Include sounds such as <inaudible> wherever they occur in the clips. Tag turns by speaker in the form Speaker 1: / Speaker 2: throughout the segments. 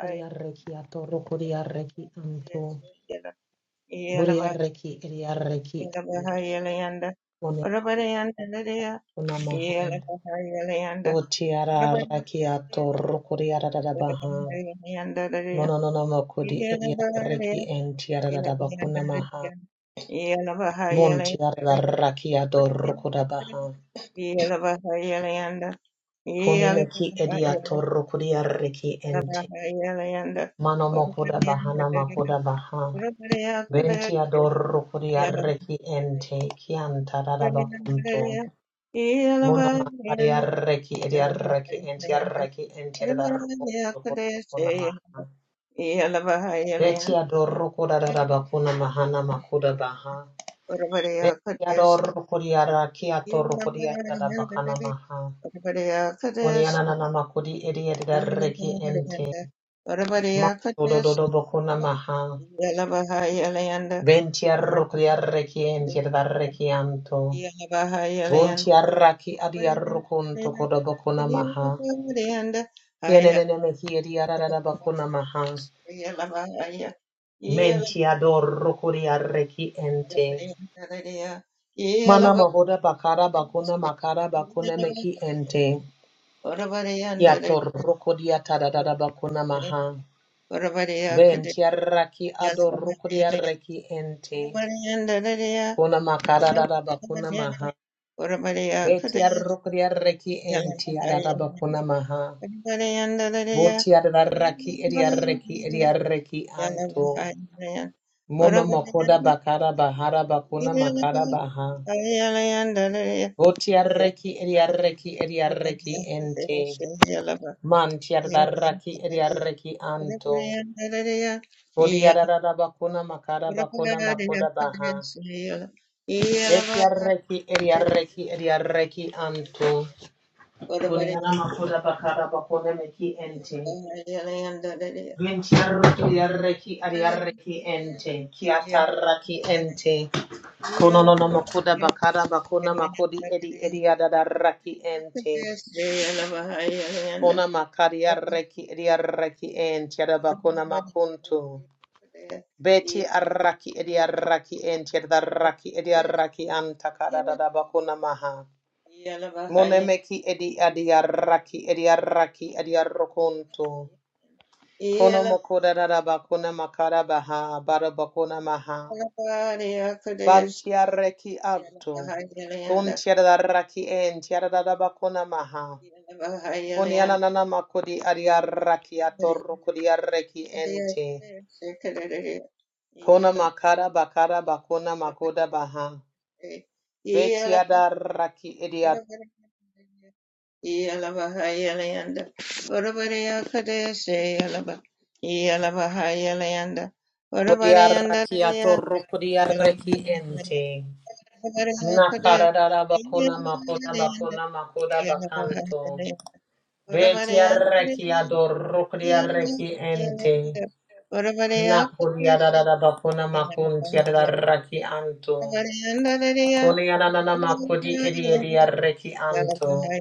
Speaker 1: Kuriarreki atoro kuriarreki anto. Buriarreki eriarreki one kunamaha. Utiararraki atoro kuriaradabaha. Monononoma kudi eriarreki entiaradaba kunamaha. Montiararraki adoro kudabaha. Kunimeki ediatoro kuriarreki ente. Manomo kudabaha namakudabaha. Venti adoro kuriarreki ente. Kianta dadabakunto. Mona mahari arreki edi arreki enti arreki enti da roko roko roko na maha. Beti ador roko da da da bakuna mahana makuda baha. Beti ador roko di arreki ator roko di da da bakana maha. Oni anana na makudi edi edi da reki enti. Ma do do do do bakuna maha. Benti arroko di arreki enti da da reki anto. Bunti arraki adi arrokonto koda bakuna maha. Kienenene mehi edi arada bakuna maha. Mentiador rokoria reki ente. Mana mahoda bakara bakuna makara bakuna meki ente. Kiator rokodia tadadada bakuna maha. Bentia raki ador rokodia reki ente. Kuna makara dada bakuna maha. Betia rokodia reki ente adada bakuna maha. Botia dada raki edia reki edia reki anto. Mono makoda bakara bahara bakuna makara baha. Votiarreki ediarreki ediarreki ente. Mantiardarraki ediarreki anto. Vodiararabakuna makara bakuna makoda baha. Betiarreki ediarreki ediarreki anto. Kuniana makoda bakara bakuna meki ente. Ventiarreki ediarreki ediarreki ente. Kiatarraki ente. Konono makoda bakara bakuna makodi edi ediadarraki ente. Kona makari arreki edi arreki enti adaba kona makuntu. Beti arraki edi arraki enti adarraki edi arraki antakada dadaba kona maha. Monemeki edi adi arraki edi arraki edi arrokuntu. Kono mokoda dadaba kona makara baha baraba kona maha. Banti arreki abtu. Bunti adarraki enti adadaba kona maha. Koni anana makodi adiaraki atoro kodi araki ente. Kona makara bakara bakona makoda baha. Beti adaraki idia kodi araki atoro kodi araki ente. Nakara dara bakona makoda bakona makoda bakanto. Beti araki adoro kodi araki ente. Nakodi adara bakona makunti adaraki anto. Kone yananana kodi ediedia reki anto.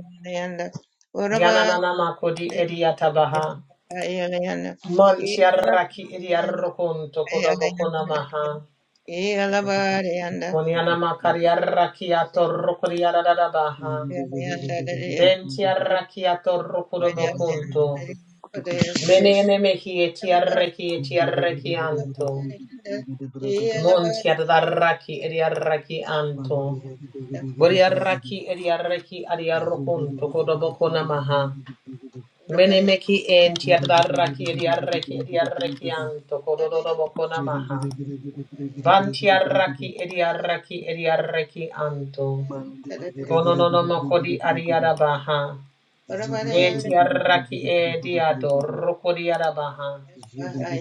Speaker 1: Yananana kodi edia tabaha. Mantiaraki edia rokunto kodobokona maha.
Speaker 2: Zugu
Speaker 1: Konianama kariaraki ato rokodiadadabaha. Ventiaraki ato rokodobokunto. Menene mehi etiareki etiareki anto. Montiadaraki ediaraki anto. Boriaraki ediareki adiarokunto kodobokona maha. Menemeki enti adaraki ediaraki ediaraki anto kododobo konamaha. Bantiaraki ediaraki ediaraki anto. Konononomo kodi ariarabaha. Betiaraki ediado rokodiarabaha.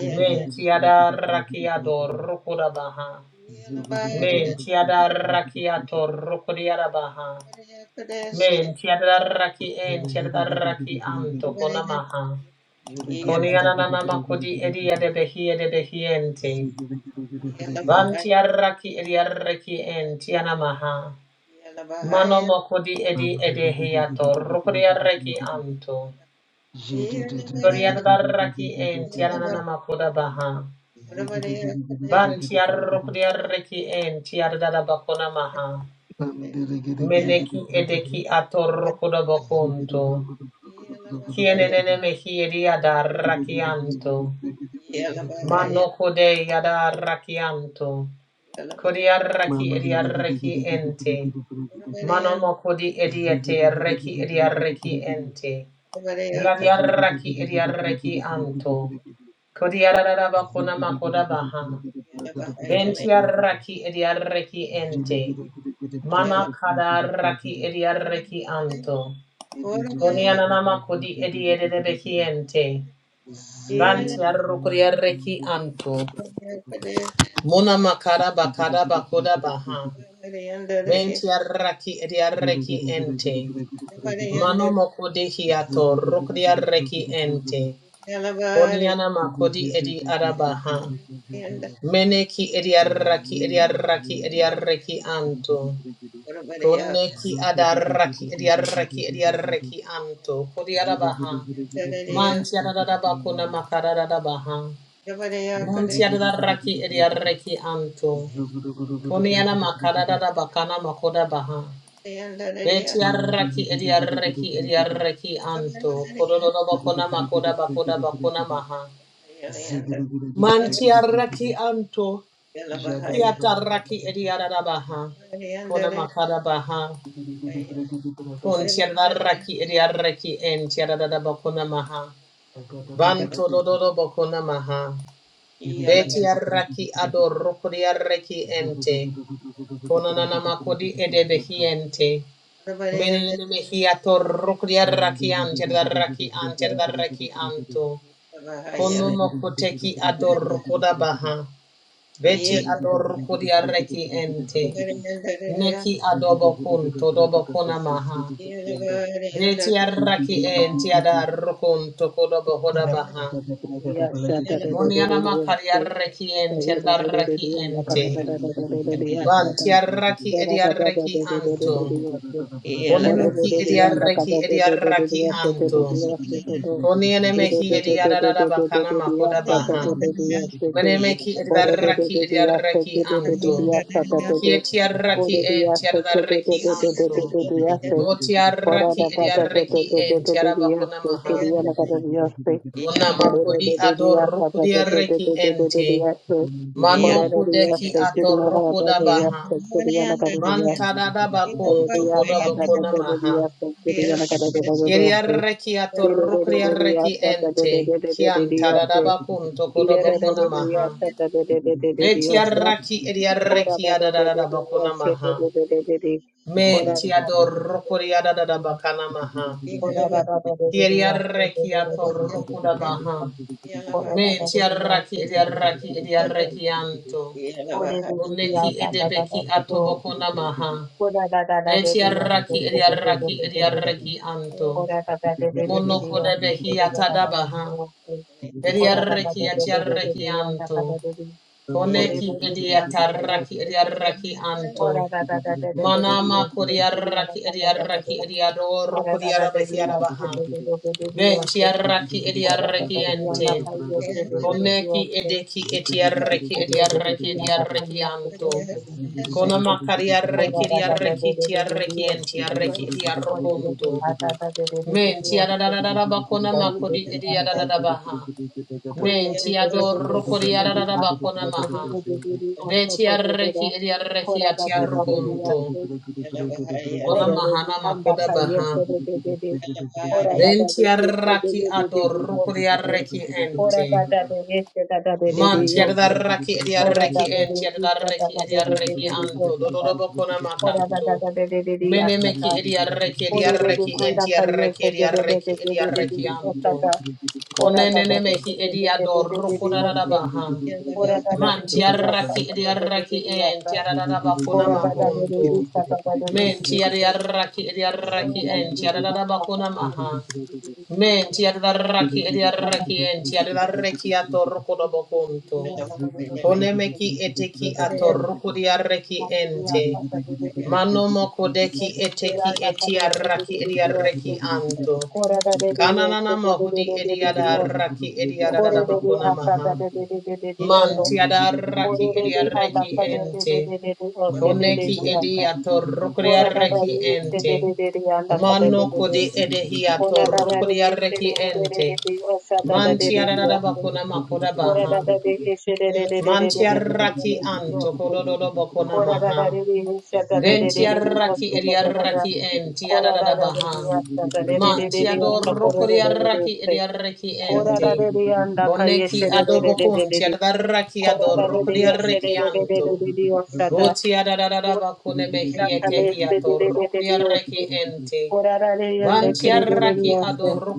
Speaker 1: Mentiadaraki ado rokodabaha.
Speaker 2: Mandela
Speaker 1: Mentiadaraki ato rokodiarabaha. Mentiadaraki entiadaraki anto konamaha. Konianana kodi edia de behia de behiente. Vantiaraki ediareki entianamaha. Mano mokodi edi edehiato. Rukuriareki anto. Kuriaraki entiananamakuda baha. Vantiarukuriareki entiarada bakona maha. Meneki edeki ato rukuda bakunto. Kienenene mehi ediada rakianto. Mano kode yada rakianto. Kodiaraki ediaraki ente. Manomo kodi ediate reki
Speaker 2: Ziggy
Speaker 1: ediaraki ente. Yariaraki ediaraki anto. Kodiararaba konama kodabaha. Ventiaraki ediaraki ente. Mana kadaraki ediaraki anto. Koniananama kodi ediedebeki ente. Vantiarukuriaraki anto. Mona makara bakara bakoda baha. Ventiarraki ediarreki ente. Mano mokodi hiato rukdiarreki ente. Oniana makodi edi arabaha. Meneki ediarraki ediarraki ediarreki anto. Koneki adarraki ediarreki ediarreki anto. Kodi arabaha. Mantiararaba kuna makararabaha. Montiarraki ediarreki anto. Koniana makarada bakana makoda baha. Beti arraki edi arraki edi
Speaker 2: Ziggy
Speaker 1: arraki anto. Kororo bakona makoda bakona bakona maha. Manti arraki anto. Kiata arraki edi ararabaha. Kona makara baha. Kunti arraki edi arraki enti ararada bakona maha. Banto dododo bakona maha. Beti arraki adoroko di arraki
Speaker 2: Ziggy
Speaker 1: ente. Kona nana makodi edebehi ente. Menenemehi rakian arraki antirdarraki antirdarraki anto. Konumokoteki adorkuda baha. Beti adorkudi arraki ente. Neki adobokun todobokuna maha. Beti arraki enti adarrukun tokodobohoda baha.
Speaker 3: Yes,
Speaker 1: Moniana makari arraki enti adarraki ente. Banti arraki edi arraki anto. Konemeki edi arraki edi arraki anto. Koniene mehi ediarara bakana makoda
Speaker 2: Thank
Speaker 1: baha. Menemeki ediaraki ediaraki anto. Kietiaraki en tiaraki anto. Votiaraki ediaraki en tiarabakona maha. Kuna
Speaker 3: Ora
Speaker 1: makodi adorukuriaraki ente. Mano kudeki atorukoda baha. Mantada bakun tukoda bakona maha. Yeriarreki atorrukriarreki ente. Kian tadadabakun tokodobakuna maha. Betiarraki eriarreki adadadabakuna maha. Men tiadorrukuri adadadabakana maha. Yeriarreki atorrukudabaha.
Speaker 2: you.
Speaker 3: Ora
Speaker 1: Men tiarraki eriarraki
Speaker 2: Ziggy,
Speaker 1: eriarreki anto. Uneki edebeki atobakuna maha. Betiarraki eriarraki eriarreki anto. Monokodebehi atadabaha. Ediarreki atiarreki anto. Koneki ediatarraki ediarraki anto. Manama kodiarraki ediarraki ediador kodiarabahiarabaha. Benchiarraki ediarreki ente. Koneki edeki etiarreki
Speaker 3: Ora
Speaker 1: ediarreki ediarreki anto. Konama kariarreki ediarreki tiarreki entiarreki ediarrokonto. Men
Speaker 2: Zugu
Speaker 1: tiararararaba konama kodi ediararabaha. Menti ador coriarada bacona maha. Beti arreki ediarreki atiarroconto. Bona mahana makoda baha. Venti arraki ador coriarreki ente. Manti adarraki
Speaker 3: Ora
Speaker 1: ediarreki
Speaker 3: da da
Speaker 1: enti
Speaker 3: de ista da
Speaker 1: adarreki
Speaker 3: da de de de
Speaker 1: ediarreki
Speaker 3: de de
Speaker 1: anto.
Speaker 3: esta
Speaker 1: Dodo
Speaker 3: da.
Speaker 1: bacona
Speaker 3: Ora da da
Speaker 1: macanto.
Speaker 3: da de de de de esta
Speaker 1: Menemeki
Speaker 3: da.
Speaker 1: ediarreki
Speaker 3: Ora de de
Speaker 1: ediarreki
Speaker 3: anda
Speaker 1: enti
Speaker 3: calle
Speaker 1: arreki
Speaker 3: se de de de
Speaker 1: ediarreki
Speaker 3: de de de de de
Speaker 1: ediarreki
Speaker 3: de esta
Speaker 1: anto.
Speaker 3: da. Ora da
Speaker 1: Konene
Speaker 3: da de
Speaker 1: mehi
Speaker 3: de de de de
Speaker 1: ediador
Speaker 3: de de de
Speaker 1: coriarada
Speaker 3: de esta.
Speaker 1: baha.
Speaker 3: Ora da da de
Speaker 1: Man
Speaker 3: de de esta da da
Speaker 1: tiaraki
Speaker 3: de de de
Speaker 1: idiaraki
Speaker 3: de
Speaker 1: en
Speaker 3: esta.
Speaker 2: Zugu
Speaker 1: tiararaba kuna
Speaker 3: Ora da da de de
Speaker 1: makuntu.
Speaker 3: ista da da de de
Speaker 1: Men
Speaker 3: de de de esta.
Speaker 1: tiaraki
Speaker 3: Ora
Speaker 1: idiaraki
Speaker 3: da da de
Speaker 1: en
Speaker 3: de esta da da de de
Speaker 1: tiararaba kuna maha.
Speaker 3: de de de de esta Ora da da de de esta da da de
Speaker 1: Men tiaraki idiaraki en tiararaki atoroko dobo kuntu.
Speaker 3: de de de de esta.
Speaker 1: Konemeki eteki
Speaker 3: Ora
Speaker 1: atoroko diaraki ente. Manomo kodeki eteki etiaraki idiaraki anto. Kananana mahudi idiaraki idiararaba kuna maha. Manti adaraki idiareki ente. Koneki idiato rukriareki ente. Mano kodi
Speaker 2: Ziggy
Speaker 1: edehiato rukriareki ente. Manti adarabakuna makoda baha. Manti araki anto kododo bakuna
Speaker 3: Kora da da
Speaker 1: maha.
Speaker 3: de de shata de
Speaker 1: Ben
Speaker 3: de de de de
Speaker 1: tiaraki
Speaker 3: mosta da da da da.
Speaker 1: ediaraki en
Speaker 3: Kora da
Speaker 1: tiarada
Speaker 3: da de
Speaker 1: baha.
Speaker 3: de mosta da de de
Speaker 1: Man
Speaker 3: de de de anda
Speaker 1: tiadoro
Speaker 3: kore de de de de
Speaker 1: koriaraki
Speaker 3: se.
Speaker 1: ediaraki
Speaker 3: Kora
Speaker 1: ente.
Speaker 3: da de de anda kaye
Speaker 1: Oneki
Speaker 3: shere de de de de
Speaker 1: adobokun
Speaker 3: de de.
Speaker 1: tiadaraki
Speaker 3: Kora da
Speaker 1: ador
Speaker 3: de de yeshe de
Speaker 1: koriaraki
Speaker 3: de de de
Speaker 1: anto.
Speaker 3: de de de ostata.
Speaker 1: Votiadada
Speaker 3: Osta
Speaker 1: bakune mehiete
Speaker 3: kale se de
Speaker 1: hiato
Speaker 3: de de de de
Speaker 1: rokoriaraki
Speaker 3: oste.
Speaker 1: ente.
Speaker 3: Kora da de
Speaker 1: Van
Speaker 3: yende kere de de de
Speaker 1: tiaraki
Speaker 3: oste.
Speaker 1: adoro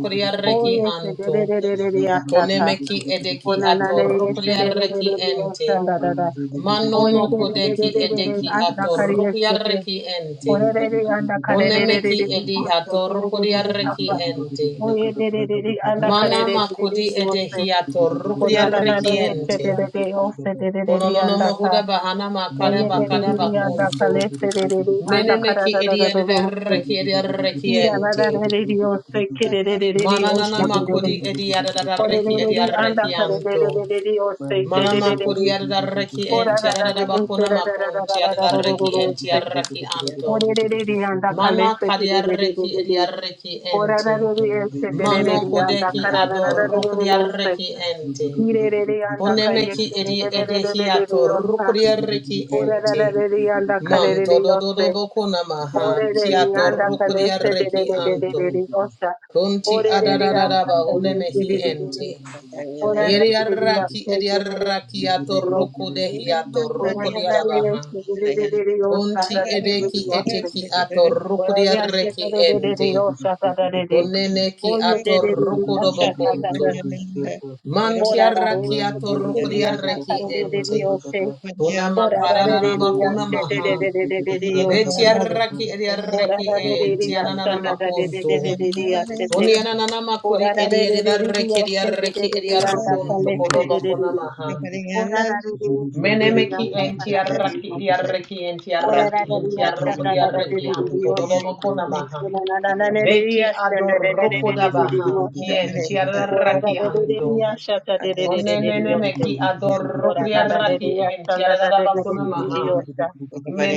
Speaker 3: O
Speaker 1: koriaraki
Speaker 3: yeshe de
Speaker 1: anto.
Speaker 3: de de de de de
Speaker 2: Zugu
Speaker 3: ostata.
Speaker 1: Konemeki edeki
Speaker 3: Kona na
Speaker 1: ato
Speaker 3: ne yeshe de de de
Speaker 1: rokoriaraki
Speaker 3: de de
Speaker 1: ente.
Speaker 3: osse da da da.
Speaker 1: Mano
Speaker 3: Koye de de de de
Speaker 1: mokodeki
Speaker 3: de de de
Speaker 1: edeki
Speaker 3: anda
Speaker 1: ato
Speaker 3: kare yeshe
Speaker 1: rukiyareki ente.
Speaker 3: Orerere anda karerererere
Speaker 1: Kunemeki edi
Speaker 3: yose
Speaker 1: hatorukuri
Speaker 3: gererere
Speaker 1: arreki
Speaker 3: kapa.
Speaker 1: ente.
Speaker 3: Oyererere anda
Speaker 1: Mana
Speaker 3: karerererere
Speaker 1: makudi
Speaker 3: yose.
Speaker 1: edehi hatorukuri
Speaker 3: Konanana
Speaker 1: arreki
Speaker 3: yese
Speaker 1: ente.
Speaker 3: derere yose derere
Speaker 1: Kononono
Speaker 3: anda ka.
Speaker 1: mohuda bahana makada bakada
Speaker 3: Oyererere anda
Speaker 1: bakuntu.
Speaker 3: kaleserere anda
Speaker 1: Menemeki edi
Speaker 3: kararararara yose.
Speaker 1: adarreki edi arreki ente.
Speaker 3: Kirarararere yose kerererere
Speaker 1: Mana
Speaker 3: yose
Speaker 1: nana
Speaker 3: derere.
Speaker 1: makudi edi adarreki edi
Speaker 3: Orerere anda
Speaker 1: arreki anto.
Speaker 3: karerererere yose
Speaker 1: Mana
Speaker 3: derere.
Speaker 1: makudi adarreki ente
Speaker 3: Orararare
Speaker 1: adadabakuna makunti
Speaker 2: Ziggy
Speaker 1: adarreki ente
Speaker 3: eserararararararararararose.
Speaker 1: arreki anto.
Speaker 3: Orerere anda
Speaker 1: Mana kadiarreki
Speaker 3: kaleserere
Speaker 1: ediarreki
Speaker 3: Ora
Speaker 1: ente. Mano kodeki ador rukriareki ente. Konemeki edi edehiato rukriareki ente. Manto dododo bokuna maha kiato rukriareki anto. Kunti adadadadaba unemehi ente. Yeriaraki ediaraki ato rukudehi ato rukudehiato rukriarabaha. Kunti edeki eteki ato rukriareki ente. Uneneki
Speaker 3: Oh, you
Speaker 1: ato
Speaker 3: did it, did it, did it, did it,
Speaker 1: rukudobokuntu.
Speaker 3: Ora ra re
Speaker 1: Mantiaraki
Speaker 3: se de de
Speaker 2: Mandiri
Speaker 3: de de
Speaker 2: giri giri
Speaker 3: anda
Speaker 2: Kata,
Speaker 1: atorokodiaraki
Speaker 3: kare
Speaker 2: Kata,
Speaker 3: de de
Speaker 2: braka
Speaker 3: de
Speaker 1: ente.
Speaker 3: o se.
Speaker 2: braka
Speaker 1: Kuna
Speaker 3: Ora ra re de
Speaker 2: zigiri
Speaker 1: makarararaba
Speaker 3: de
Speaker 2: giri
Speaker 3: ya
Speaker 1: kuna
Speaker 3: se
Speaker 2: giri
Speaker 3: de
Speaker 2: giri
Speaker 3: de
Speaker 1: maha.
Speaker 2: giri
Speaker 3: de de
Speaker 2: giri
Speaker 3: de
Speaker 2: giri
Speaker 3: de de
Speaker 2: braka
Speaker 3: o
Speaker 2: Kata,
Speaker 3: sa ta.
Speaker 2: bajlata
Speaker 1: Vetiaraki
Speaker 3: Ora
Speaker 1: ediaraki
Speaker 3: ra re de de
Speaker 2: zukuti
Speaker 1: ente.
Speaker 3: ya
Speaker 2: braka
Speaker 3: sa
Speaker 1: Ananana
Speaker 2: Kata,
Speaker 3: nda da de de
Speaker 2: shanti
Speaker 3: de de
Speaker 1: makunto.
Speaker 2: giri
Speaker 3: de de
Speaker 2: giri
Speaker 3: ya se te.
Speaker 1: Oni
Speaker 2: agutu kati
Speaker 1: ananana makuri
Speaker 3: Ora ra re de de de de
Speaker 1: ediaraki
Speaker 3: o se de de
Speaker 1: ediaraki
Speaker 3: de de anda
Speaker 2: giri giri
Speaker 1: ediarokunto.
Speaker 3: kale se
Speaker 2: giri giri
Speaker 1: Kodoba
Speaker 3: de de
Speaker 2: giri
Speaker 3: de
Speaker 1: kuna
Speaker 3: de.
Speaker 2: giri
Speaker 1: maha.
Speaker 2: giri giri
Speaker 3: Ora ra re de se
Speaker 2: jiri giri
Speaker 3: de de
Speaker 2: giri
Speaker 1: Menemeki
Speaker 3: anda
Speaker 2: giri
Speaker 3: kala
Speaker 2: giri
Speaker 3: ra
Speaker 2: giri
Speaker 3: re
Speaker 2: giri
Speaker 1: entiaraki
Speaker 3: o
Speaker 2: giri
Speaker 3: se.
Speaker 1: ediaraki
Speaker 3: Ora
Speaker 1: entiaraki
Speaker 3: ra re de ya sa nda
Speaker 2: giri
Speaker 3: da
Speaker 2: giri
Speaker 3: da de
Speaker 2: Kata, Kata, Kata, Kata,
Speaker 1: entiarokodiaraki
Speaker 3: de de de
Speaker 1: anto.
Speaker 3: o
Speaker 2: Kata,
Speaker 3: se.
Speaker 1: Dodoba
Speaker 2: Kata, braka
Speaker 1: kuna
Speaker 2: Kata,
Speaker 1: maha.
Speaker 3: Ora na na na ne de
Speaker 1: Beti
Speaker 3: ya sa nda de de de
Speaker 2: Mandela
Speaker 3: de de de de
Speaker 1: adorokodabaha.
Speaker 3: o se.
Speaker 1: Kien
Speaker 3: Ora ra
Speaker 1: tiaraki
Speaker 3: re de de
Speaker 1: anto.
Speaker 3: ya sa ta de de de de de de
Speaker 1: Konenene
Speaker 3: o se.
Speaker 1: meki
Speaker 3: Ora da da de de
Speaker 1: adorokriaraki en
Speaker 3: yasta da da
Speaker 1: tiarada
Speaker 3: de de de
Speaker 1: bakuna
Speaker 3: de de de
Speaker 1: maha.
Speaker 3: yasta.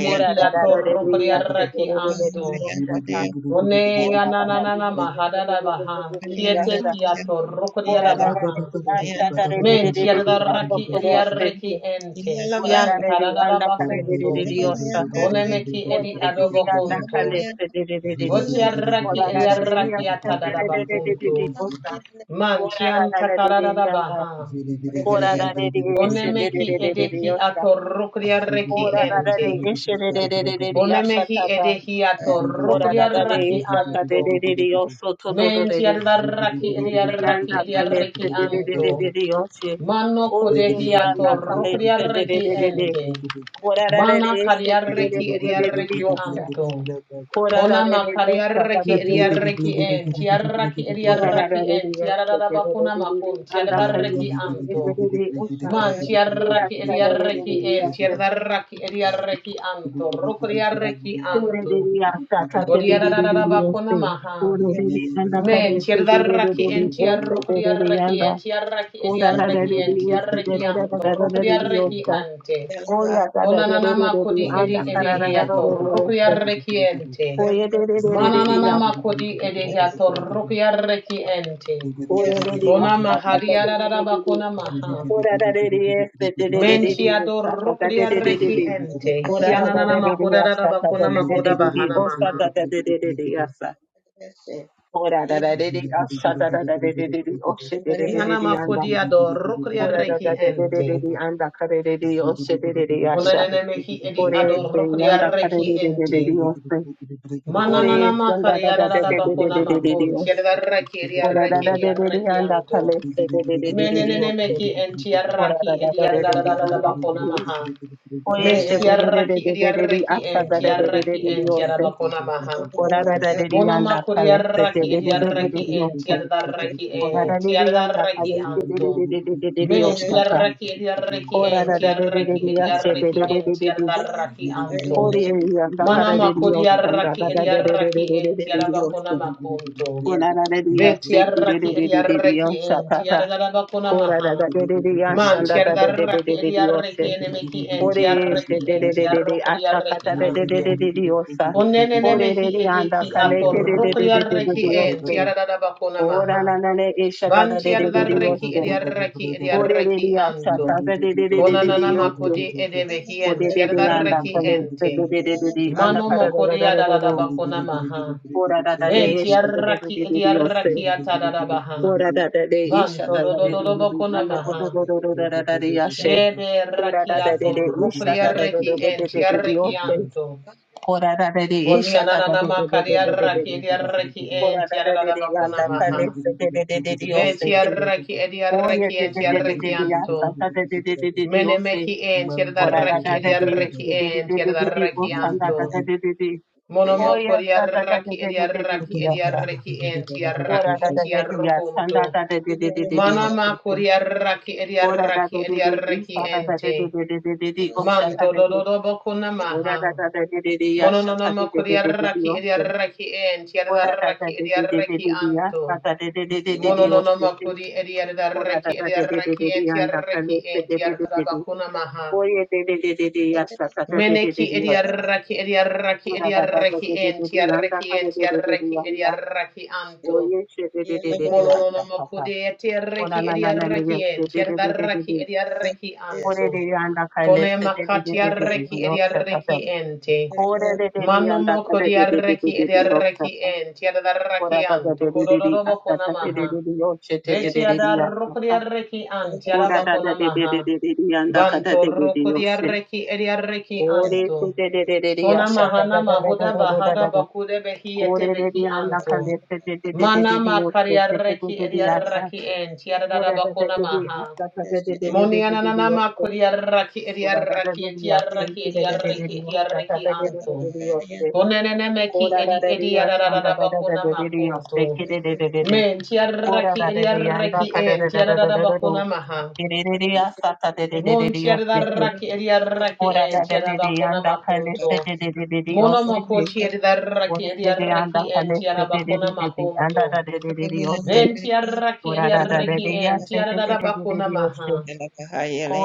Speaker 3: Ora da da da de de yasta
Speaker 1: atorokriaraki
Speaker 3: de de de de de de
Speaker 1: anto.
Speaker 3: yasta ta.
Speaker 1: One
Speaker 3: Ora
Speaker 2: Zulu
Speaker 3: da da de
Speaker 1: yananana
Speaker 3: yasta
Speaker 1: mahadada
Speaker 3: de de de de
Speaker 1: baha.
Speaker 3: de de de de
Speaker 1: Kiete
Speaker 3: yasta.
Speaker 1: ki atorokriada
Speaker 3: Ora da da de
Speaker 1: baha.
Speaker 3: de yasta da de de
Speaker 1: Men
Speaker 3: de de de de
Speaker 1: tiarada
Speaker 3: ando
Speaker 1: raki
Speaker 3: kore yasta ti.
Speaker 1: ediareki ente.
Speaker 3: Ora da
Speaker 1: Kian
Speaker 3: de de
Speaker 1: tarada
Speaker 3: anda kare de de
Speaker 1: bakunto.
Speaker 3: de de yasta.
Speaker 1: Kone meki edi
Speaker 3: Ora de de de anda
Speaker 1: adobokunto.
Speaker 3: kare de de de de de de.
Speaker 1: Botiaraki
Speaker 3: Ora da da de de
Speaker 1: ediaraki
Speaker 3: yasta de
Speaker 1: atada
Speaker 3: de de de de de
Speaker 1: bakunto.
Speaker 3: de yasta.
Speaker 1: Man
Speaker 3: Ora
Speaker 1: tian
Speaker 3: da da de de
Speaker 1: takarada
Speaker 3: yanda.
Speaker 1: baha.
Speaker 3: Ora da de de yasta de de
Speaker 1: Onemeki
Speaker 3: de de de de
Speaker 1: edeki
Speaker 3: yasta.
Speaker 1: atorukria reki
Speaker 3: Ora da da
Speaker 1: ente.
Speaker 3: de eshe de de de de de de
Speaker 1: Onemehi
Speaker 3: ashata da.
Speaker 1: edehi
Speaker 3: Ora
Speaker 1: atorukria
Speaker 3: da da de
Speaker 1: raki
Speaker 3: ishata
Speaker 1: anto.
Speaker 3: de de de de oso to do do de
Speaker 1: Menti
Speaker 3: de.
Speaker 1: adaraki
Speaker 3: Ore de de
Speaker 1: ediaraki
Speaker 3: anda kalese
Speaker 1: ediareki
Speaker 3: de de de
Speaker 1: anto.
Speaker 3: de de de oshe.
Speaker 1: Mano
Speaker 3: Ore de
Speaker 2: Zugudu
Speaker 1: kodehi
Speaker 3: de anda
Speaker 1: atorukria
Speaker 3: kalese de de
Speaker 1: reki
Speaker 3: de de de.
Speaker 1: ente.
Speaker 3: Ora da da de
Speaker 1: Mana
Speaker 3: eshe de de de
Speaker 1: kariareki
Speaker 3: de de de de de
Speaker 1: ediareki
Speaker 3: osha.
Speaker 1: anto.
Speaker 3: Ora da
Speaker 1: Kona
Speaker 3: de de esha da
Speaker 1: makariareki
Speaker 3: da de de de de
Speaker 1: ediareki
Speaker 3: de osha.
Speaker 1: enti. Araki
Speaker 3: Ora da
Speaker 1: ediaraki
Speaker 3: da de de
Speaker 1: enti.
Speaker 3: eshe de de de
Speaker 1: Adadabakuna
Speaker 3: de de
Speaker 1: makun.
Speaker 3: de anda kalese
Speaker 1: Tiadareki
Speaker 3: de de de
Speaker 1: anto.
Speaker 3: de de osha.
Speaker 1: Man
Speaker 3: Ora
Speaker 1: tiarraki
Speaker 3: da da de de
Speaker 1: ediarreki en
Speaker 3: de de
Speaker 1: tiarraki ediarreki anto rokodiarreki
Speaker 3: Kore de
Speaker 1: anto
Speaker 3: de ya sa ta te de de de de de o
Speaker 1: godiarararabakona
Speaker 3: se.
Speaker 1: maha
Speaker 3: Ore de de anda
Speaker 1: men
Speaker 3: kare se de de de
Speaker 1: tiarraki
Speaker 3: de de
Speaker 1: en
Speaker 3: o se de de de
Speaker 1: tiarrokodiarreki en
Speaker 3: anda.
Speaker 1: tiarraki
Speaker 3: Kora da da
Speaker 1: ediarreki
Speaker 3: de de
Speaker 1: en
Speaker 3: e se de
Speaker 1: tiarreki
Speaker 3: de da da
Speaker 1: anto
Speaker 3: da da da de de o
Speaker 1: rokodiarreki
Speaker 3: sa.
Speaker 1: ante
Speaker 3: Oya da da de de de
Speaker 1: onananama
Speaker 3: de de
Speaker 1: kodi edi
Speaker 3: anda kara da da da
Speaker 1: edeheato
Speaker 3: de de o se.
Speaker 1: rokodiarreki ente
Speaker 3: Oye de de de
Speaker 2: Ziggy
Speaker 3: de de de ya.
Speaker 1: Manananama kodi edeheato rokodiarreki ente
Speaker 3: Ore de de ya
Speaker 1: Kona
Speaker 3: sa ta ta te de de de de de.
Speaker 1: mahariararabakona maha
Speaker 3: da de de e se de de de de de o
Speaker 1: Mentiado
Speaker 3: sa ta ta de
Speaker 1: rukria
Speaker 3: de de de
Speaker 1: reki
Speaker 3: de.
Speaker 1: ente.
Speaker 3: Ora da da
Speaker 1: Kianana
Speaker 3: de de de
Speaker 1: makoda
Speaker 3: ya sa ta ta
Speaker 1: bakuna
Speaker 3: de de de
Speaker 1: makoda
Speaker 3: de de
Speaker 1: bahana
Speaker 3: o sa ta
Speaker 1: maha.
Speaker 3: ta de de de de ya sa. Ora da da de de asha da da da de de de de oshe de de de de
Speaker 1: Kiana
Speaker 3: de anda.
Speaker 1: makodiado rukria
Speaker 3: Ora da
Speaker 1: reki
Speaker 3: da de de de de
Speaker 1: ente.
Speaker 3: de anda kare de de oshe de de de asha.
Speaker 1: Onanene mehi edi
Speaker 3: Ore
Speaker 1: ado
Speaker 3: se
Speaker 1: rukria
Speaker 3: anda kare de
Speaker 1: reki
Speaker 3: de de de de
Speaker 1: ente.
Speaker 3: oshe. Ore
Speaker 1: Mananana
Speaker 3: se anda da
Speaker 1: makaria
Speaker 3: da
Speaker 1: da
Speaker 3: de de de de
Speaker 1: bakuna
Speaker 3: de de de de
Speaker 1: makon.
Speaker 3: oshe.
Speaker 1: Kiada reki edia
Speaker 3: Ora da
Speaker 1: reki
Speaker 3: da de
Speaker 1: edia
Speaker 3: de de
Speaker 1: reki
Speaker 3: anda
Speaker 2: Ziggy,
Speaker 1: anto.
Speaker 3: kare se de de de de de de
Speaker 1: Menenene
Speaker 3: oshe.
Speaker 1: meki enti
Speaker 3: Ora da
Speaker 1: araki
Speaker 3: da
Speaker 1: edi
Speaker 3: da de de de
Speaker 1: da
Speaker 3: anda
Speaker 1: bakuna
Speaker 3: kare.
Speaker 1: maha.
Speaker 3: Oye
Speaker 1: Men
Speaker 3: she de de de de
Speaker 1: kiaraki
Speaker 3: de de
Speaker 1: edia
Speaker 3: de de
Speaker 1: reki
Speaker 3: asha da
Speaker 1: enti
Speaker 3: da de de de
Speaker 1: araki
Speaker 3: de de
Speaker 1: enti
Speaker 3: oshe.
Speaker 1: bakuna maha.
Speaker 3: Ora da da de de
Speaker 1: Monoma
Speaker 3: anda kare se de
Speaker 1: koriaraki
Speaker 3: de de de de
Speaker 1: ediaraki
Speaker 3: de de
Speaker 1: en
Speaker 3: oshe.
Speaker 1: tiadaraki
Speaker 3: Ora
Speaker 1: en
Speaker 3: da de de anda
Speaker 1: tiadaraki
Speaker 3: kale de de
Speaker 1: anto.
Speaker 3: de de de de de de de
Speaker 1: Ben tiaraki ediaraki
Speaker 3: Ora
Speaker 1: en
Speaker 3: da da de de de
Speaker 1: tiaraki
Speaker 3: de yashe de
Speaker 1: ediaraki
Speaker 3: de de
Speaker 1: en
Speaker 3: de de de.
Speaker 1: tiadaraki anto.
Speaker 3: Kori e anda kare
Speaker 1: Manama
Speaker 3: de de yoshta anda
Speaker 1: koriaraki
Speaker 3: da da de de de
Speaker 1: ediaraki
Speaker 3: de de de
Speaker 1: en
Speaker 3: de de de
Speaker 1: tiarabakona makunto.
Speaker 3: Ora da de de
Speaker 1: Be
Speaker 3: yashe ke de
Speaker 1: tiaraki
Speaker 3: de de de de de
Speaker 1: ediaraki
Speaker 3: yoshta
Speaker 1: en tiarabakona
Speaker 3: Ora
Speaker 1: maha.
Speaker 3: da da de de de yashe
Speaker 1: Man
Speaker 3: anda da de de de
Speaker 1: tiaraki
Speaker 3: de de de
Speaker 1: ediaraki
Speaker 3: yoshta.
Speaker 1: enemeki en
Speaker 2: Ziggy,
Speaker 3: Ore e
Speaker 1: tiaraki
Speaker 3: de
Speaker 1: en
Speaker 3: de de de de asta
Speaker 1: tiarokodiaraki
Speaker 3: kata de de de de
Speaker 1: anto.
Speaker 3: de de yoshta.
Speaker 1: Koneneneme
Speaker 3: Ore de
Speaker 1: hi
Speaker 3: de anda
Speaker 1: edeki
Speaker 3: kale ke de de de de de de
Speaker 1: atorokriarreki
Speaker 3: de
Speaker 1: en
Speaker 3: yoshta.
Speaker 1: tiaradadaba
Speaker 3: Ora
Speaker 1: konamaha.
Speaker 3: na na ne e shata
Speaker 1: Ban
Speaker 3: da da de de de de
Speaker 1: tiadarreki
Speaker 3: yoshta.
Speaker 1: ediarreki
Speaker 3: Oye, de de de de de de de de de de de de de de
Speaker 1: ediarreki anto. Konananama kodi edebe hien
Speaker 3: de
Speaker 1: tiadarreki ente. Mano mokodi adadadaba konamaha. Ben tiarraki ediarreki atadadabaha. Ban tododododoba konamaha. Yede raki atorokriarreki en tiarreki anto. Boni anana makari arraki edi arraki enti arada bakuna
Speaker 2: Ziggy
Speaker 1: maha. Veti arraki edi arraki enti arraki anto.
Speaker 3: de de
Speaker 1: Mene
Speaker 3: de
Speaker 1: meki enti
Speaker 3: Ora da
Speaker 1: arraki
Speaker 3: da
Speaker 1: edi
Speaker 3: da de de
Speaker 1: arraki enti
Speaker 3: de de de de de
Speaker 1: arraki
Speaker 3: o sanda da
Speaker 1: anto.
Speaker 3: da de de de oya
Speaker 1: Monomokori
Speaker 3: da da da de
Speaker 1: arraki
Speaker 3: de
Speaker 1: edi
Speaker 3: de de de de
Speaker 1: arraki
Speaker 3: ya
Speaker 1: edi
Speaker 3: sa
Speaker 1: arraki enti
Speaker 3: ora da
Speaker 1: arraki
Speaker 3: da
Speaker 1: ti
Speaker 3: de de ya sanda
Speaker 1: arrokonto.
Speaker 3: da da de de de de de o
Speaker 1: Mana
Speaker 3: sirpun
Speaker 1: kori arraki edi
Speaker 3: ora da
Speaker 1: arraki
Speaker 3: da de
Speaker 1: edi
Speaker 3: de
Speaker 1: arraki
Speaker 3: isa da da de
Speaker 1: enti.
Speaker 3: de de de de de de o şata
Speaker 1: Manto
Speaker 3: da de
Speaker 1: dododo bakuna
Speaker 3: ora da
Speaker 1: maha.
Speaker 3: da da de de de ya şata da
Speaker 1: Mononoma
Speaker 3: de de de de de
Speaker 1: kuriaraki
Speaker 3: o sirpun
Speaker 1: ediaraki en
Speaker 3: ora da da
Speaker 1: tiaraki
Speaker 3: de de de de
Speaker 1: ediaraki
Speaker 3: de de ya
Speaker 1: anto.
Speaker 3: şata da de de de de de o
Speaker 1: Mononoma
Speaker 3: sirpun
Speaker 1: kuri
Speaker 3: ora da
Speaker 1: ediaraki
Speaker 3: da de de de de
Speaker 1: ediaraki
Speaker 3: de
Speaker 1: en
Speaker 3: yanda
Speaker 1: tiaraki
Speaker 3: kalırsa
Speaker 1: en
Speaker 3: de de de de de de
Speaker 1: tiarabakuna maha.
Speaker 3: oye de de de de de ya da da de de
Speaker 1: Meneki
Speaker 3: de de o sirpun
Speaker 1: ediaraki ediaraki
Speaker 3: Ora da da da
Speaker 1: ediaraki
Speaker 3: da da
Speaker 1: en
Speaker 3: da da yanda
Speaker 1: tiaraki
Speaker 3: ka
Speaker 1: en
Speaker 3: da da da da da
Speaker 1: tiaraki
Speaker 3: yanda
Speaker 1: ediaraki
Speaker 3: o
Speaker 1: anto.
Speaker 3: ye she da da da da da yanda
Speaker 1: Mononoma
Speaker 3: ka ka
Speaker 1: kuri
Speaker 3: ora
Speaker 1: etiaraki
Speaker 3: na na na ni
Speaker 1: ediaraki
Speaker 3: ye
Speaker 1: en
Speaker 3: she da da da da da
Speaker 1: tiaraki
Speaker 3: da
Speaker 1: ediaraki anto.
Speaker 3: ore de yanda ka le
Speaker 1: Pone
Speaker 3: she da da da da da da
Speaker 1: makatiaraki
Speaker 3: yo she ka
Speaker 1: ediaraki
Speaker 3: ka
Speaker 1: ente.
Speaker 3: ore de de de
Speaker 1: Mano
Speaker 3: yanda ka
Speaker 1: moko
Speaker 3: da da da da da da
Speaker 1: diarreki
Speaker 3: da yo she
Speaker 1: ediarreki
Speaker 3: ka
Speaker 1: en
Speaker 3: ora
Speaker 1: tiadarraki
Speaker 3: da
Speaker 1: an
Speaker 3: da da da da da
Speaker 1: tokododobo
Speaker 3: asta ka da da
Speaker 1: konamaha.
Speaker 3: da da yo she da da
Speaker 1: Beti
Speaker 3: da da da
Speaker 1: adarroko
Speaker 3: asta
Speaker 1: diarreki an
Speaker 3: ka ora
Speaker 1: tiaraba
Speaker 3: da da da da da
Speaker 1: konamaha.
Speaker 3: da da da yanda ka da
Speaker 1: Banto
Speaker 3: da da da
Speaker 1: roko
Speaker 3: yo she
Speaker 1: diarreki ediarreki
Speaker 3: ore she
Speaker 1: anto.
Speaker 3: da da da da da asta
Speaker 1: Konamaha
Speaker 3: ka da
Speaker 1: nama
Speaker 3: da da
Speaker 1: mahuda
Speaker 3: da da da
Speaker 1: bahada
Speaker 3: da
Speaker 1: bakude behi ete
Speaker 3: Kore kore
Speaker 1: beki anto.
Speaker 3: di di di
Speaker 1: Mana
Speaker 3: di di otte
Speaker 1: makari
Speaker 3: de de de
Speaker 1: makariarreki
Speaker 3: de di asa.
Speaker 1: ediarreki en
Speaker 3: Kore
Speaker 1: tiadaraba
Speaker 3: de de de di
Speaker 1: konamaha.
Speaker 3: asa ta de de de de de de di di
Speaker 1: eti
Speaker 3: otte.
Speaker 1: kuriarraki
Speaker 3: Kora de de
Speaker 1: ediarreki
Speaker 3: de di asa
Speaker 1: etiarreki
Speaker 3: iti de de de de
Speaker 1: ediarreki
Speaker 3: di otta ta
Speaker 1: ediarreki
Speaker 3: de de de de
Speaker 1: anto.
Speaker 3: de di otte.
Speaker 1: Konenene ki
Speaker 3: Kora de
Speaker 1: edi
Speaker 3: de
Speaker 1: edi
Speaker 3: di asa ta
Speaker 1: yadadadada
Speaker 3: de de de de
Speaker 1: bakuna
Speaker 3: de di otte
Speaker 1: makuntu.
Speaker 3: ki de de de de de.
Speaker 1: Men
Speaker 3: Kora
Speaker 1: tiadaraki
Speaker 3: de
Speaker 1: edi
Speaker 3: de di
Speaker 1: yadaraki
Speaker 3: anda ka de
Speaker 1: en
Speaker 3: de de de de
Speaker 1: tiadadada
Speaker 3: de de do.
Speaker 1: bakuna maha.
Speaker 3: Ki de de di asa ta de de de de
Speaker 1: Mon
Speaker 3: di otte ki.
Speaker 1: tiadaraki edi yadaraki
Speaker 3: Kora
Speaker 1: en
Speaker 3: de de de di
Speaker 1: tiadabakuna
Speaker 3: anda anda anda
Speaker 1: makuntu.
Speaker 3: anda kalete de de de de di
Speaker 1: Mono moko tiadaraki edi yadaraki en tiadabakuna
Speaker 3: anda
Speaker 1: makuntu.
Speaker 3: asa asa asa asa da kora kora kora kora ki Ora
Speaker 1: Men tiadaraki edi
Speaker 3: Ora da da da
Speaker 1: yadaraki
Speaker 3: de ya
Speaker 1: en
Speaker 3: se de
Speaker 1: tiadadada
Speaker 3: de de de
Speaker 1: bakuna
Speaker 3: de de
Speaker 1: maha.
Speaker 3: se.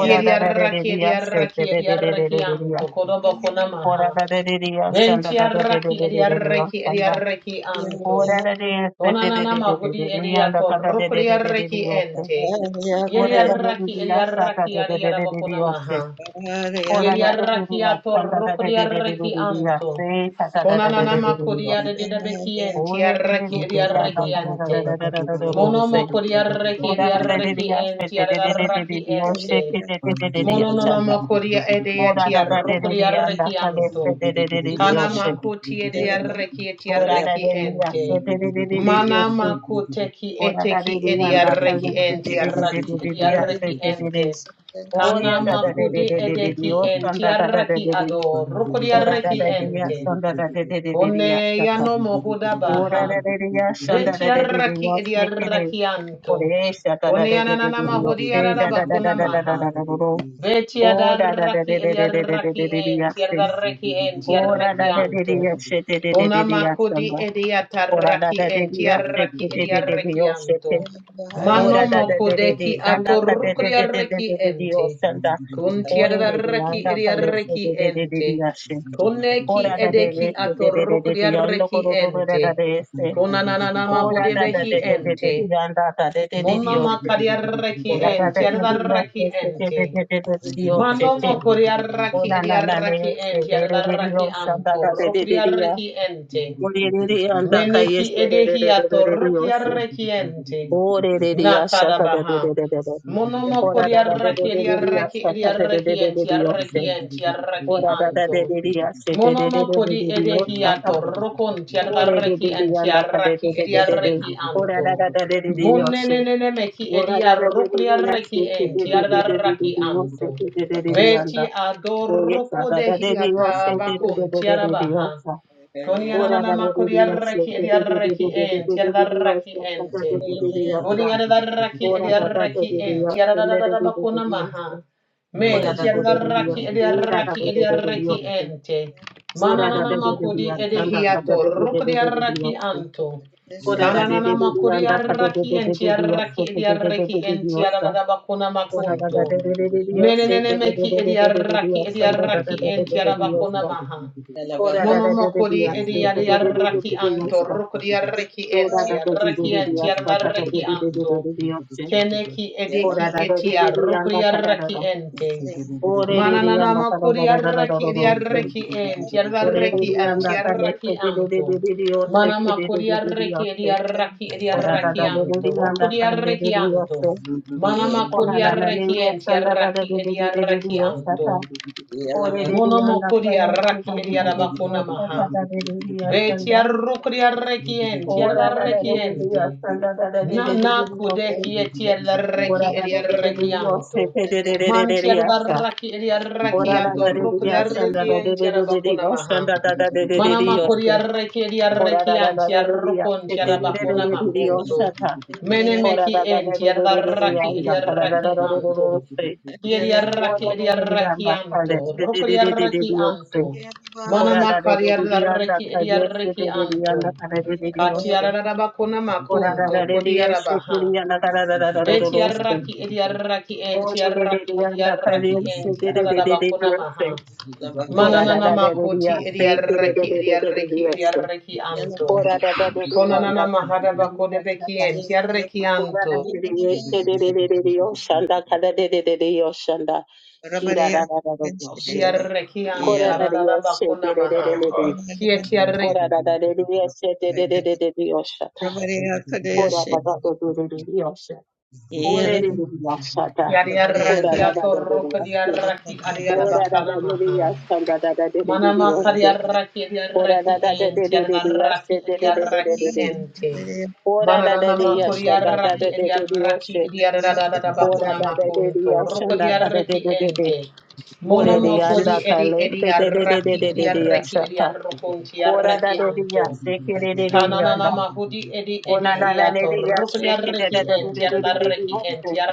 Speaker 1: Ki
Speaker 3: da
Speaker 1: edi
Speaker 3: da da de
Speaker 1: yadaraki
Speaker 3: de
Speaker 1: edi
Speaker 3: ya se
Speaker 1: yadaraki
Speaker 3: de de
Speaker 1: edi
Speaker 3: de de de de
Speaker 1: yadaraki
Speaker 3: de de
Speaker 1: anto
Speaker 3: ya se.
Speaker 1: kodobakuna
Speaker 3: Ora
Speaker 1: maha.
Speaker 3: da da de de ya shanda
Speaker 1: Venti
Speaker 3: da da de de
Speaker 1: arraki
Speaker 3: de
Speaker 1: edi
Speaker 3: de de de ya
Speaker 1: arreki edi
Speaker 3: shanda.
Speaker 1: arreki anto.
Speaker 3: Ora da de ya se de de
Speaker 1: Onanana
Speaker 3: de de de
Speaker 1: mahudi
Speaker 3: de de
Speaker 1: edi
Speaker 3: ya da
Speaker 1: ato
Speaker 3: ka da de de
Speaker 1: rukri
Speaker 3: de de de de
Speaker 1: arreki
Speaker 3: ya se.
Speaker 1: ente. Yeri
Speaker 3: Ora da de de
Speaker 1: arraki
Speaker 3: de
Speaker 1: edi
Speaker 3: ya sa da
Speaker 1: arraki
Speaker 3: de
Speaker 1: adi
Speaker 3: de de de de de
Speaker 1: arabakuna
Speaker 3: ya se.
Speaker 1: maha.
Speaker 3: Ora
Speaker 1: Yeri
Speaker 3: da de de de
Speaker 1: arraki
Speaker 3: ya
Speaker 1: ato
Speaker 3: shanda da de
Speaker 1: rukri
Speaker 3: de de de de
Speaker 1: arreki
Speaker 3: de de ya
Speaker 1: anto.
Speaker 3: se. Ta da da da de
Speaker 1: Onanana
Speaker 3: de de de de
Speaker 1: makudi
Speaker 3: ya se.
Speaker 1: adi debeki enti
Speaker 3: Oye de de de
Speaker 1: arreki
Speaker 3: de
Speaker 1: edi
Speaker 3: de ya da
Speaker 1: arreki
Speaker 3: ka da da da da
Speaker 1: ante.
Speaker 3: da da da da
Speaker 1: Mono
Speaker 3: se.
Speaker 1: makudi arreki
Speaker 3: Ora
Speaker 1: edi
Speaker 3: da da da da da
Speaker 1: arreki enti
Speaker 3: da da da da da da
Speaker 1: adarraki
Speaker 3: da. Oshe
Speaker 1: ente.
Speaker 3: da da da da da da da da.
Speaker 1: Monononomokuria
Speaker 3: Ora
Speaker 1: edeatia
Speaker 3: da da da da
Speaker 1: rokuria
Speaker 3: da anda da
Speaker 1: rekianto.
Speaker 3: da da da da da da.
Speaker 1: Kana
Speaker 3: Oshe.
Speaker 1: makuti edia reki etia
Speaker 3: Ora da
Speaker 1: reki
Speaker 3: da
Speaker 2: Zugu
Speaker 1: ente.
Speaker 3: da da da da da da da da.
Speaker 1: Mana
Speaker 3: Oshe.
Speaker 1: makuteki
Speaker 3: Ora da da
Speaker 1: eteki
Speaker 3: da
Speaker 1: edia
Speaker 3: anda da da
Speaker 1: reki ente
Speaker 3: da da
Speaker 1: raki
Speaker 3: da da
Speaker 1: edia
Speaker 3: da
Speaker 1: reki
Speaker 3: da da da
Speaker 1: ente.
Speaker 3: da. Oya
Speaker 1: Kana
Speaker 3: da da da da
Speaker 1: makudi
Speaker 3: da
Speaker 1: edeki ente
Speaker 3: da
Speaker 1: raki
Speaker 3: da da.
Speaker 1: ado rokuria reki ente.
Speaker 3: Oshan da da da da da da. de de de.
Speaker 1: Kone yano mohuda
Speaker 3: Ora da
Speaker 1: baha.
Speaker 3: da da da shan da da da da da da da da da. Ora da da da da shan da da
Speaker 1: Betia
Speaker 3: da da da.
Speaker 1: raki
Speaker 3: Oshe da.
Speaker 1: edia
Speaker 3: Ora
Speaker 1: raki
Speaker 3: da da da da da
Speaker 1: Kone
Speaker 3: da da
Speaker 1: ananana
Speaker 3: da.
Speaker 1: mahudia
Speaker 3: Oshe da da da da
Speaker 1: rarabakuna
Speaker 3: da da
Speaker 1: maha.
Speaker 3: da da da.
Speaker 1: Ve
Speaker 3: Oh da da da
Speaker 1: tiadaraki
Speaker 3: da da da da da da
Speaker 1: ediaraki
Speaker 3: da
Speaker 1: en,
Speaker 3: da da sin.
Speaker 1: tiadaraki en,
Speaker 3: Oh da
Speaker 1: tiadaraki
Speaker 3: da da da
Speaker 1: anto.
Speaker 3: da shit da da da
Speaker 1: Kona
Speaker 3: da da sin.
Speaker 1: makudi
Speaker 3: Oh da da
Speaker 1: ediataraki
Speaker 3: da da
Speaker 1: en,
Speaker 3: da shit
Speaker 1: tiadaraki
Speaker 3: da da da da da
Speaker 1: ediaraki
Speaker 3: oh
Speaker 1: anto.
Speaker 3: shit. Oh da
Speaker 1: Mano
Speaker 3: da da da da da
Speaker 1: mokodeki
Speaker 3: nanda ka da da da da da
Speaker 1: atorukriaraki
Speaker 3: da da da oh
Speaker 1: ente.
Speaker 3: sin da.
Speaker 1: Kun
Speaker 3: Oh da da da
Speaker 1: tiadaraki
Speaker 3: nanda ka le se da
Speaker 1: ediaraki
Speaker 3: da da da da
Speaker 1: ente.
Speaker 3: da sin. Oh
Speaker 1: Koneki
Speaker 3: da da da
Speaker 1: edeki
Speaker 3: da se da da da da da yondo ko
Speaker 1: atorukriaraki
Speaker 3: do do do da
Speaker 1: ente.
Speaker 3: da da
Speaker 2: Thank
Speaker 3: se.
Speaker 1: Kona
Speaker 2: you.
Speaker 1: nanana
Speaker 3: Oh da da da
Speaker 1: mahudebehi
Speaker 3: da da da da da
Speaker 1: ente.
Speaker 3: nanda ka da da da da
Speaker 1: Mona
Speaker 3: oh sin.
Speaker 1: makariaraki
Speaker 3: Oh da da
Speaker 1: en,
Speaker 3: da da da
Speaker 1: tiadaraki
Speaker 3: da se da da
Speaker 1: ente.
Speaker 3: da da da da
Speaker 1: Mano
Speaker 3: oh
Speaker 1: Manomo
Speaker 3: shit. O
Speaker 1: koriaraki
Speaker 3: na na na
Speaker 1: ediaraki
Speaker 3: ne se
Speaker 1: enti
Speaker 3: re re re re
Speaker 1: adaraki
Speaker 3: yo sa da
Speaker 1: anto
Speaker 3: da de de de de ya.
Speaker 1: rokriaraki ente.
Speaker 3: O re re re an da ka ye
Speaker 1: Meneki
Speaker 3: se re re re
Speaker 1: edehia
Speaker 3: re re re re yo
Speaker 1: torukia
Speaker 3: se.
Speaker 1: rekiente.
Speaker 3: O re re re ya sha da da de
Speaker 1: Nakadabaha.
Speaker 3: de de de de.
Speaker 1: Monomo
Speaker 3: O ra
Speaker 1: koria
Speaker 3: da da de de
Speaker 1: raki
Speaker 3: de
Speaker 1: ria
Speaker 3: de de ya
Speaker 1: raki
Speaker 3: sa ta
Speaker 1: ria
Speaker 3: de de de de
Speaker 1: rekiente
Speaker 3: de
Speaker 1: ria
Speaker 3: de yo se.
Speaker 1: rekiente ria
Speaker 3: O
Speaker 1: raki
Speaker 3: ra da da de
Speaker 1: anto.
Speaker 3: de de ya se de de de
Speaker 1: Monomo
Speaker 3: de de de
Speaker 1: kodi
Speaker 3: de yo sa
Speaker 1: edehia
Speaker 3: ta.
Speaker 1: torukon tia
Speaker 3: O re re re re
Speaker 1: rekiente
Speaker 3: an da
Speaker 1: ria
Speaker 3: ka de de
Speaker 1: raki
Speaker 3: de de
Speaker 1: ria
Speaker 3: de de.
Speaker 1: reki
Speaker 3: O ra da
Speaker 1: anto.
Speaker 3: da da de de de de yo se.
Speaker 1: Munenenene meki
Speaker 3: O ra da
Speaker 1: edia
Speaker 3: da de de
Speaker 1: rukria
Speaker 3: de ya se de
Speaker 1: rekiente
Speaker 3: de de
Speaker 1: ria
Speaker 3: de de de
Speaker 1: raki
Speaker 3: de yo se
Speaker 1: anto.
Speaker 3: de de de de de ya. da.
Speaker 1: Beti
Speaker 3: Oye,
Speaker 1: adoruko
Speaker 3: saga da de
Speaker 1: dehia
Speaker 3: Dios, sente de
Speaker 1: tabakon
Speaker 3: de de de de Dios.
Speaker 1: tia Koni
Speaker 3: Ora da
Speaker 1: ananama
Speaker 3: de de
Speaker 1: kodi
Speaker 3: Dios,
Speaker 1: arreki
Speaker 3: sente
Speaker 1: edi
Speaker 3: de de de
Speaker 1: arreki
Speaker 3: de de
Speaker 1: en,
Speaker 3: de
Speaker 1: tiara
Speaker 3: de de Dios,
Speaker 1: darraki
Speaker 3: saga
Speaker 1: ente.
Speaker 3: de
Speaker 2: Zugu
Speaker 3: de de Dios.
Speaker 1: Kodi arreki edi
Speaker 3: Ora da da de
Speaker 1: arreki
Speaker 3: de Dios,
Speaker 1: en, tiara
Speaker 3: sente de de
Speaker 1: dadadadaba
Speaker 3: de de
Speaker 1: kona
Speaker 3: Dios.
Speaker 1: maha. Men, tiara darraki edi arreki edi arreki ente.
Speaker 3: Ora da da de de Dios, ira da de de de Dios. Ora da da
Speaker 1: Mananama
Speaker 3: de de
Speaker 1: kodi
Speaker 3: Dios,
Speaker 1: edi
Speaker 3: santa da
Speaker 1: hiato,
Speaker 3: de de de
Speaker 1: rukodi
Speaker 3: de de
Speaker 1: arreki
Speaker 3: Dios.
Speaker 1: anto.
Speaker 3: Ora da de de de
Speaker 1: Kananama
Speaker 3: Dios,
Speaker 1: kodi
Speaker 3: anda da de
Speaker 1: arreki en,
Speaker 3: de de de
Speaker 1: tiara
Speaker 3: Dios,
Speaker 1: arreki edi
Speaker 3: sente de de de
Speaker 1: arreki
Speaker 3: de
Speaker 1: en,
Speaker 3: Dios.
Speaker 1: tiara dadaba kona
Speaker 3: Ora da
Speaker 1: makunto.
Speaker 3: da de de de Dios,
Speaker 1: Menenene
Speaker 3: sente de de
Speaker 1: meki
Speaker 3: de
Speaker 1: edi
Speaker 3: de de
Speaker 1: arreki
Speaker 3: Dios,
Speaker 1: edi
Speaker 3: santa da da
Speaker 1: arreki
Speaker 3: de
Speaker 1: en,
Speaker 3: de de
Speaker 1: tiara bakona
Speaker 3: Dios.
Speaker 1: maha.
Speaker 3: Ora da da da da da
Speaker 1: Monomokori
Speaker 3: da da da da da da
Speaker 1: ediaraki
Speaker 3: da
Speaker 1: anto,
Speaker 3: da.
Speaker 1: rokodiaraki
Speaker 3: Ora
Speaker 1: enti,
Speaker 3: da da
Speaker 1: araki enti,
Speaker 3: da da
Speaker 1: araki
Speaker 3: da
Speaker 1: anto. Keneki edeki etia,
Speaker 3: da
Speaker 1: rokodiaraki ente. Mananana
Speaker 3: da da
Speaker 1: makuri
Speaker 3: da da da da da da. Ora da da da da da da da da da. Ore re re anda da da da da da da da
Speaker 1: araki
Speaker 3: da da.
Speaker 1: ediaraki enti,
Speaker 3: Ore re
Speaker 1: araki
Speaker 3: re
Speaker 1: anti,
Speaker 3: anda da le
Speaker 1: araki
Speaker 3: da da da da da
Speaker 1: anto.
Speaker 3: da da da
Speaker 1: Mana
Speaker 3: ke da da
Speaker 1: makuri
Speaker 3: da da da
Speaker 1: araki
Speaker 3: da.
Speaker 1: ediaraki
Speaker 2: Ziggy
Speaker 3: Ora da
Speaker 1: ediaraki
Speaker 3: da da da
Speaker 1: anto,
Speaker 3: da anda da le da
Speaker 1: rokodiaraki
Speaker 3: da da da.
Speaker 1: anto.
Speaker 3: da.
Speaker 1: Mana
Speaker 3: Ona
Speaker 1: makuri
Speaker 3: na na ne
Speaker 1: araki
Speaker 3: ya
Speaker 1: enti,
Speaker 3: sanda da da
Speaker 1: araki
Speaker 3: da da da da da
Speaker 1: ediaraki
Speaker 3: da
Speaker 1: anto.
Speaker 3: da. Ore re
Speaker 1: Mono
Speaker 3: re anda
Speaker 1: mokodi
Speaker 3: da le da
Speaker 1: araki
Speaker 3: da da
Speaker 1: edi
Speaker 3: da da
Speaker 1: arabakona
Speaker 3: da
Speaker 1: maha.
Speaker 3: da da da da
Speaker 1: Beti
Speaker 3: da.
Speaker 1: arrukri arrekienti
Speaker 3: Ora da da da da da,
Speaker 1: arrekienti.
Speaker 3: sanda da da da da da da
Speaker 1: Nana
Speaker 3: da, oke.
Speaker 1: kudeki eti
Speaker 3: Ora
Speaker 1: arreki
Speaker 3: da
Speaker 1: eri
Speaker 3: da da da da da, ose
Speaker 1: arrekianto.
Speaker 3: te da da da da da
Speaker 1: Manti
Speaker 3: da, asa.
Speaker 1: arraki eri
Speaker 3: Ora da
Speaker 1: arrekiato
Speaker 3: da da da
Speaker 1: rukri
Speaker 3: da, sanda da da
Speaker 1: arrekienti
Speaker 3: da da da da,
Speaker 1: arabakuna maha.
Speaker 3: osanda da da da da da
Speaker 1: Mana
Speaker 3: da,
Speaker 1: makuri
Speaker 3: ose.
Speaker 1: arreki eri
Speaker 3: Ora da da da
Speaker 1: arrekianti
Speaker 3: da da da, ose da da da
Speaker 1: arrukunti
Speaker 3: da
Speaker 1: arabakuna
Speaker 3: da da da,
Speaker 1: makunto.
Speaker 3: osata.
Speaker 1: Mene
Speaker 3: Ora
Speaker 1: meki
Speaker 3: da da da
Speaker 1: enti
Speaker 3: da da da da da,
Speaker 1: arraki
Speaker 3: anda. da da da da da da da,
Speaker 1: arrekianto.
Speaker 3: ose.
Speaker 1: Yeri
Speaker 3: Ora
Speaker 1: arraki
Speaker 3: da da da da da, anda. Kale.
Speaker 1: arrekianto.
Speaker 3: Te da
Speaker 1: Rukri
Speaker 3: da da da da da, ose.
Speaker 1: arrekianto. Mana
Speaker 3: Ora da da da da da, anda.
Speaker 1: makariarareki
Speaker 3: Kale. Te da da
Speaker 1: ediareki
Speaker 3: da da, anda.
Speaker 1: anto.
Speaker 3: Kale da da da, da ose.
Speaker 1: Katiararabakuna
Speaker 3: Ora
Speaker 1: makunto kodiarabaha. Betiaraki ediaraki entiaraki ediaraki
Speaker 2: Zigga
Speaker 1: entiarabakuna maha. Mananana makoti ediaraki ediareki ediareki anto. Konanana maharabako de beki entiareki anto. Ediareki antarabakuna maha. Kietiareki. Yadiaraki atoroko diaraki adiarabakana maha. Manama kariaraki adiaraki enti adaraki adiaraki enti. Mananana makoriaraki adiaraki adiaradadada bakuna makunto. Roko diaraki enti. Mono makodi edi adiaraki adiaraki adiarokunti araki anto.
Speaker 2: Thank
Speaker 1: Tananana mahudi edi edi hiato rukulia reki en tiara reki en tiara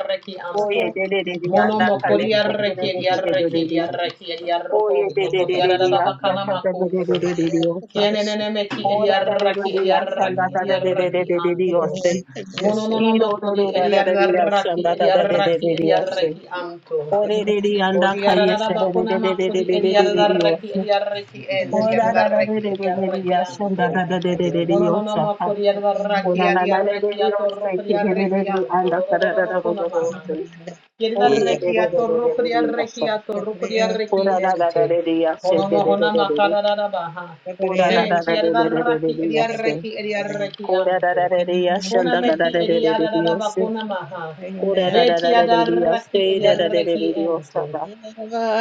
Speaker 3: Oye,
Speaker 1: anto.
Speaker 3: de de de de,
Speaker 1: Mono
Speaker 3: anda
Speaker 1: mokoria
Speaker 3: caleste, que de
Speaker 1: reki
Speaker 3: de
Speaker 1: edia
Speaker 3: de de
Speaker 1: reki
Speaker 3: de
Speaker 1: edia
Speaker 3: de.
Speaker 1: reki edia
Speaker 3: Oye, de
Speaker 1: rokonto
Speaker 3: de de
Speaker 1: kodia da
Speaker 3: de de,
Speaker 1: da
Speaker 3: hasta
Speaker 1: bakana
Speaker 3: acá de de
Speaker 1: makunto.
Speaker 3: de de de de, osa.
Speaker 1: Kienenene meki edia
Speaker 3: Ora da de
Speaker 1: raki
Speaker 3: de de,
Speaker 1: edia
Speaker 3: hasta
Speaker 1: raki
Speaker 3: anda da
Speaker 1: edia
Speaker 3: da de de de
Speaker 1: raki
Speaker 3: de de de,
Speaker 1: anto.
Speaker 3: oste.
Speaker 1: Mono no no
Speaker 3: Iro do
Speaker 1: makodi
Speaker 3: do da da
Speaker 1: edia
Speaker 3: de de, hasta
Speaker 1: raki
Speaker 3: anda da
Speaker 1: edia
Speaker 3: da de de de
Speaker 1: raki
Speaker 3: de, de,
Speaker 1: edia
Speaker 3: oste.
Speaker 1: reki anto.
Speaker 3: Ore de de, anda
Speaker 1: Kodia da da
Speaker 3: caleste, de de de de de de
Speaker 1: makodi
Speaker 3: de
Speaker 1: edia
Speaker 3: de de de,
Speaker 1: raki
Speaker 3: oste.
Speaker 1: edia reki en
Speaker 3: Ora
Speaker 1: tiara
Speaker 3: da da de
Speaker 1: reki
Speaker 3: de de de de, hasta
Speaker 2: you.
Speaker 3: anda
Speaker 1: anto.
Speaker 3: da de de de de de, osa.
Speaker 1: Mononama Koriada
Speaker 3: Ora
Speaker 1: Rakia
Speaker 3: na na de de de,
Speaker 1: Diarrekia
Speaker 3: oste, que
Speaker 1: Torrokia
Speaker 3: de de de de,
Speaker 1: Rekianto
Speaker 3: anda da da da da da da,
Speaker 1: Dodododokunamaha.
Speaker 3: oste.
Speaker 1: Yedda
Speaker 3: Oye, de de
Speaker 1: Rekia
Speaker 3: de de de de
Speaker 1: Torrokia
Speaker 3: de, osa.
Speaker 1: Rekia Torrokia Reki
Speaker 3: Ora da da da
Speaker 1: Ente.
Speaker 3: da da yashe da da da da
Speaker 1: Honomohonama
Speaker 3: da da
Speaker 1: Karadabaha.
Speaker 3: Ora da da
Speaker 1: Menti
Speaker 3: da da da
Speaker 1: Yadda
Speaker 3: da da da
Speaker 1: Raki
Speaker 3: da yashe.
Speaker 1: Ediarreki
Speaker 3: Ora da
Speaker 1: Ediarrekianto.
Speaker 3: da da da yashe da da da
Speaker 1: Konameki
Speaker 3: da da da da da
Speaker 1: Ediadadaba
Speaker 3: yoshe.
Speaker 1: Konamaha.
Speaker 3: Ora da da da
Speaker 1: Beti
Speaker 3: da da da
Speaker 1: Adaraki
Speaker 3: yashe da da da da da da
Speaker 1: Ediarreki
Speaker 3: yoshe
Speaker 1: Ente.
Speaker 3: da.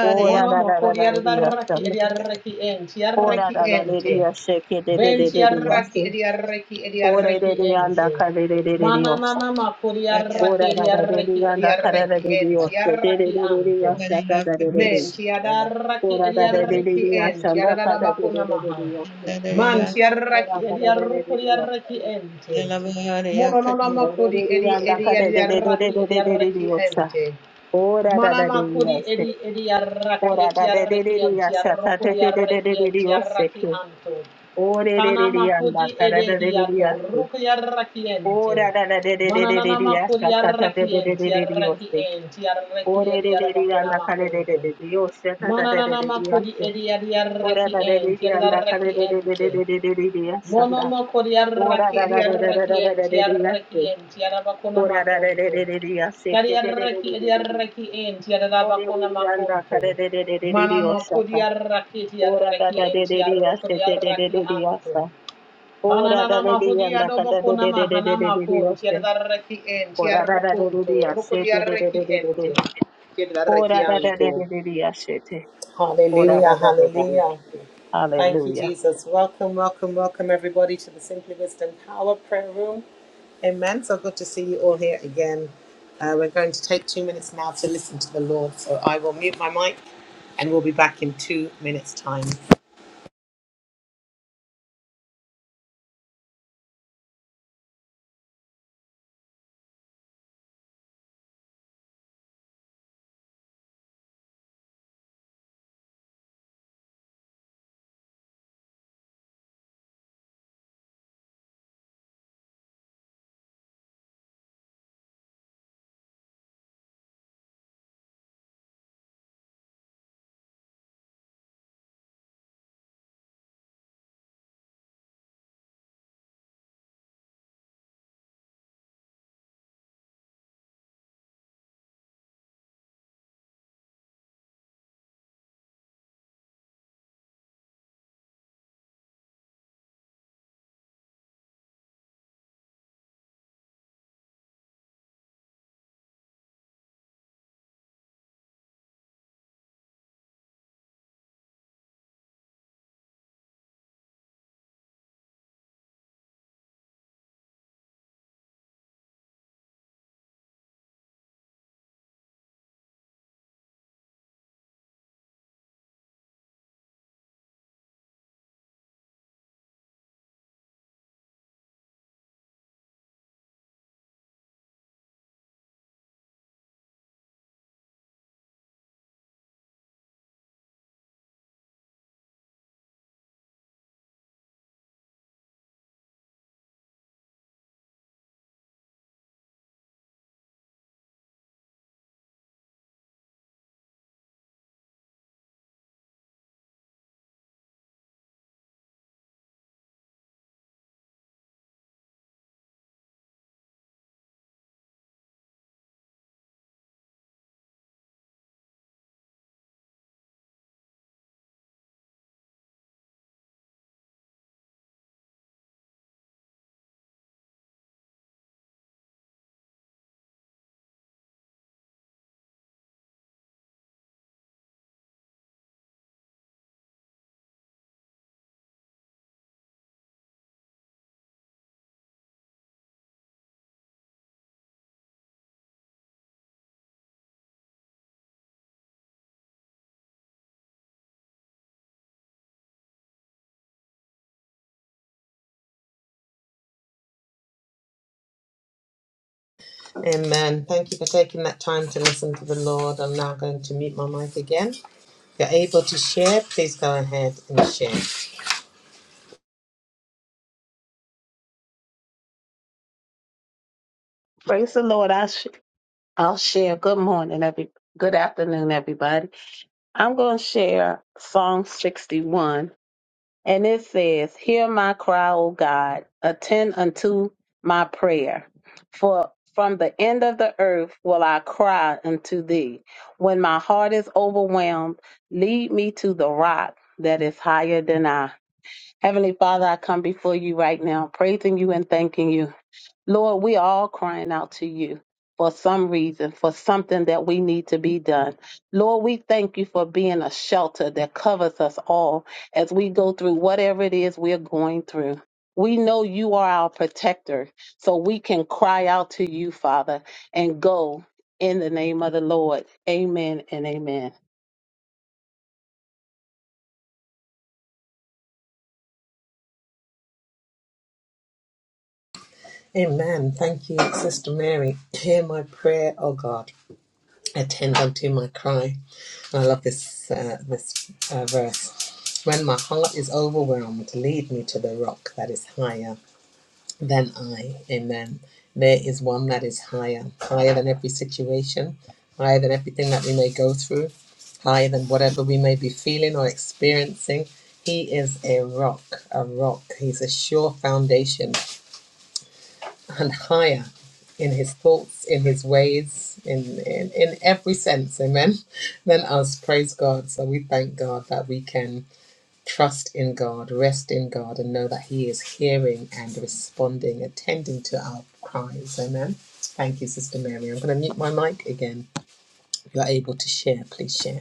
Speaker 3: Ora
Speaker 1: Mono
Speaker 3: da da da da
Speaker 1: mokori
Speaker 3: da da
Speaker 1: adaraki
Speaker 3: yashe. da.
Speaker 1: ediaraki enti
Speaker 3: Ora
Speaker 1: araki
Speaker 3: da da da da
Speaker 1: ente.
Speaker 3: yashe ke da da da
Speaker 1: Venti
Speaker 3: da da
Speaker 1: araki
Speaker 3: yashe.
Speaker 1: ediaraki
Speaker 3: Ora
Speaker 1: ediaraki
Speaker 3: da da
Speaker 1: ente.
Speaker 3: yanda ka da da da da da
Speaker 1: Mana
Speaker 3: yoshe.
Speaker 1: nana makori araki
Speaker 3: Ora da da da da
Speaker 1: ediaraki
Speaker 3: yanda ka da da
Speaker 1: ediaraki
Speaker 3: da da
Speaker 1: enti
Speaker 3: yoshe. da da da
Speaker 1: araki
Speaker 3: da da
Speaker 1: anto.
Speaker 3: yashe da da da da da
Speaker 1: Menti adaraki
Speaker 3: Ora da da da da
Speaker 1: ediaraki
Speaker 3: de yashe
Speaker 1: enti
Speaker 3: da ka da da da
Speaker 1: adadabakuna
Speaker 3: da da
Speaker 1: maha.
Speaker 3: de yoshe.
Speaker 1: Manti araki
Speaker 3: Ora
Speaker 1: ediarukori araki ente. Mono nana makori edi ediaraki ediaraki ente. Manama kuri edi edi arraki eti arraki anti arrokuri arraki anti arraki anto. Kanama kudi ede hiato rukuri arraki ente. Mananama kuri arraki enti arraki enti arraki edi arabakuna makunto. Mananama kudi edi edi arraki enti edi arraki ente. Mono moko diarraki diarraki en tiarraki en tiarabakona makonto.
Speaker 3: Hallelujah.
Speaker 1: Kariarraki diarraki en tiarabakona makonto. Mana moko diarraki diarraki en tiarroko diarraki anto. Kananana mahudi adobakona mahana makon tiarraki en tiarrokonto. Roko diarraki ente. Tiarraki anto. Hallelujah, hallelujah. Thank you, Jesus. Welcome, welcome, welcome, everybody, to the Simply Wisdom Power Prayer Room. Amen. So good to see you all here again. Uh, we're going to take two minutes now to listen to the Lord. So I will mute my mic and we'll be back in two minutes' time. Amen. Thank you for taking that time to listen to the Lord. I'm now going to mute my mic again. If you're able to share, please go ahead and share.
Speaker 3: Praise the Lord. I sh- I'll share. Good morning, every good afternoon, everybody. I'm going to share Psalm 61 And it says, Hear my cry, O God, attend unto my prayer. For from the end of the earth will I cry unto thee. When my heart is overwhelmed, lead me to the rock that is higher than I. Heavenly Father, I come before you right now, praising you and thanking you. Lord, we are all crying out to you for some reason, for something that we need to be done. Lord, we thank you for being a shelter that covers us all as we go through whatever it is we're going through. We know you are our protector, so we can cry out to you, Father, and go in the name of the Lord. Amen and amen.
Speaker 1: Amen. Thank you, Sister Mary. Hear my prayer, O God. attend unto my cry. And I love this uh, this uh, verse. When my heart is overwhelmed, lead me to the rock that is higher than I. Amen. There is one that is higher, higher than every situation, higher than everything that we may go through, higher than whatever we may be feeling or experiencing. He is a rock, a rock. He's a sure foundation and higher in his thoughts, in his ways, in, in, in every sense, amen, than us. Praise God. So we thank God that we can trust in God, rest in God, and know that He is hearing and responding, attending to our cries, amen. Thank you, Sister Mary. I'm going to mute my mic again. If you're able to share, please share.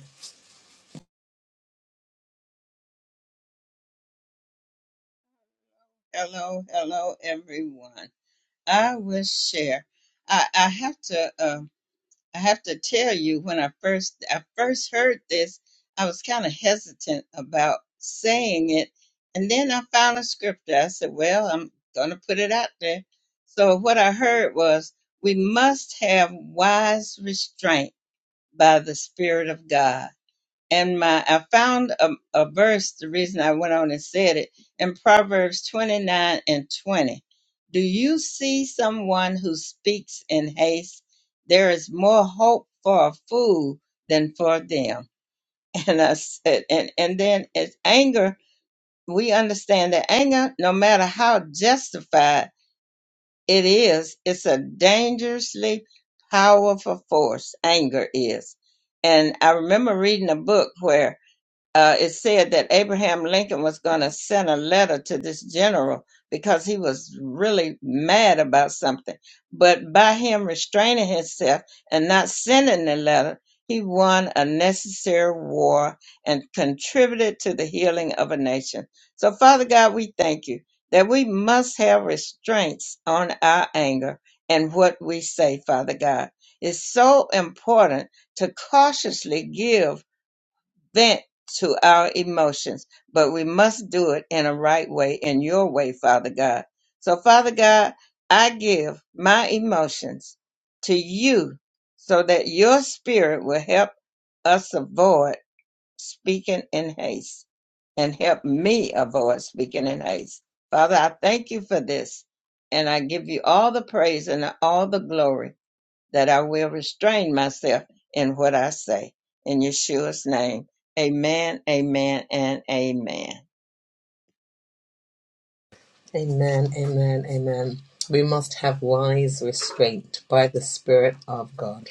Speaker 1: Amen, amen, amen. We must have wise restraint by the Spirit of God.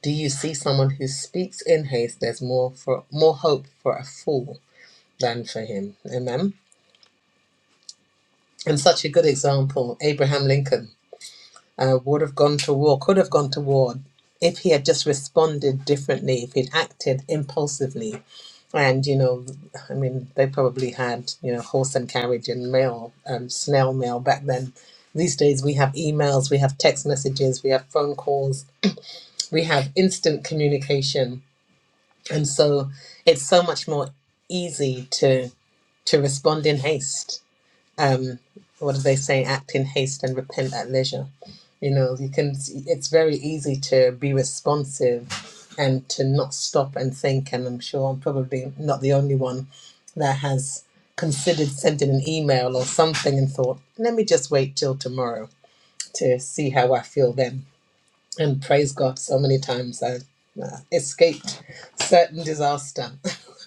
Speaker 1: Do you see someone who speaks in haste? There's more for more hope for a fool than for him. Amen. And such a good example, Abraham Lincoln uh, would have gone to war, could have gone to war, if he had just responded differently, if he'd acted impulsively. And you know, I mean, they probably had you know horse and carriage and mail, um, snail mail back then. These days we have emails, we have text messages, we have phone calls, we have instant communication and so it's so much more easy to to respond in haste um what do they say act in haste and repent at leisure you know you can it's very easy to be responsive and to not stop and think and i'm sure i'm probably not the only one that has considered sending an email or something and thought let me just wait till tomorrow to see how i feel then and praise God so many times I uh, escaped certain disaster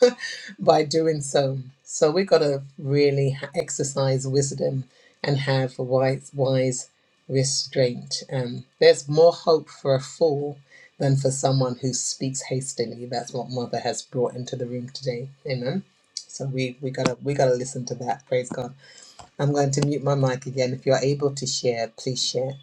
Speaker 1: <laughs> by doing so. So we got to really ha- exercise wisdom and have wise, wise restraint. Um, there's more hope for a fool than for someone who speaks hastily. That's what Mother has brought into the room today. Amen. So we we gotta we gotta listen to that. Praise God. I'm going to mute my mic again. If you're able to share, please share.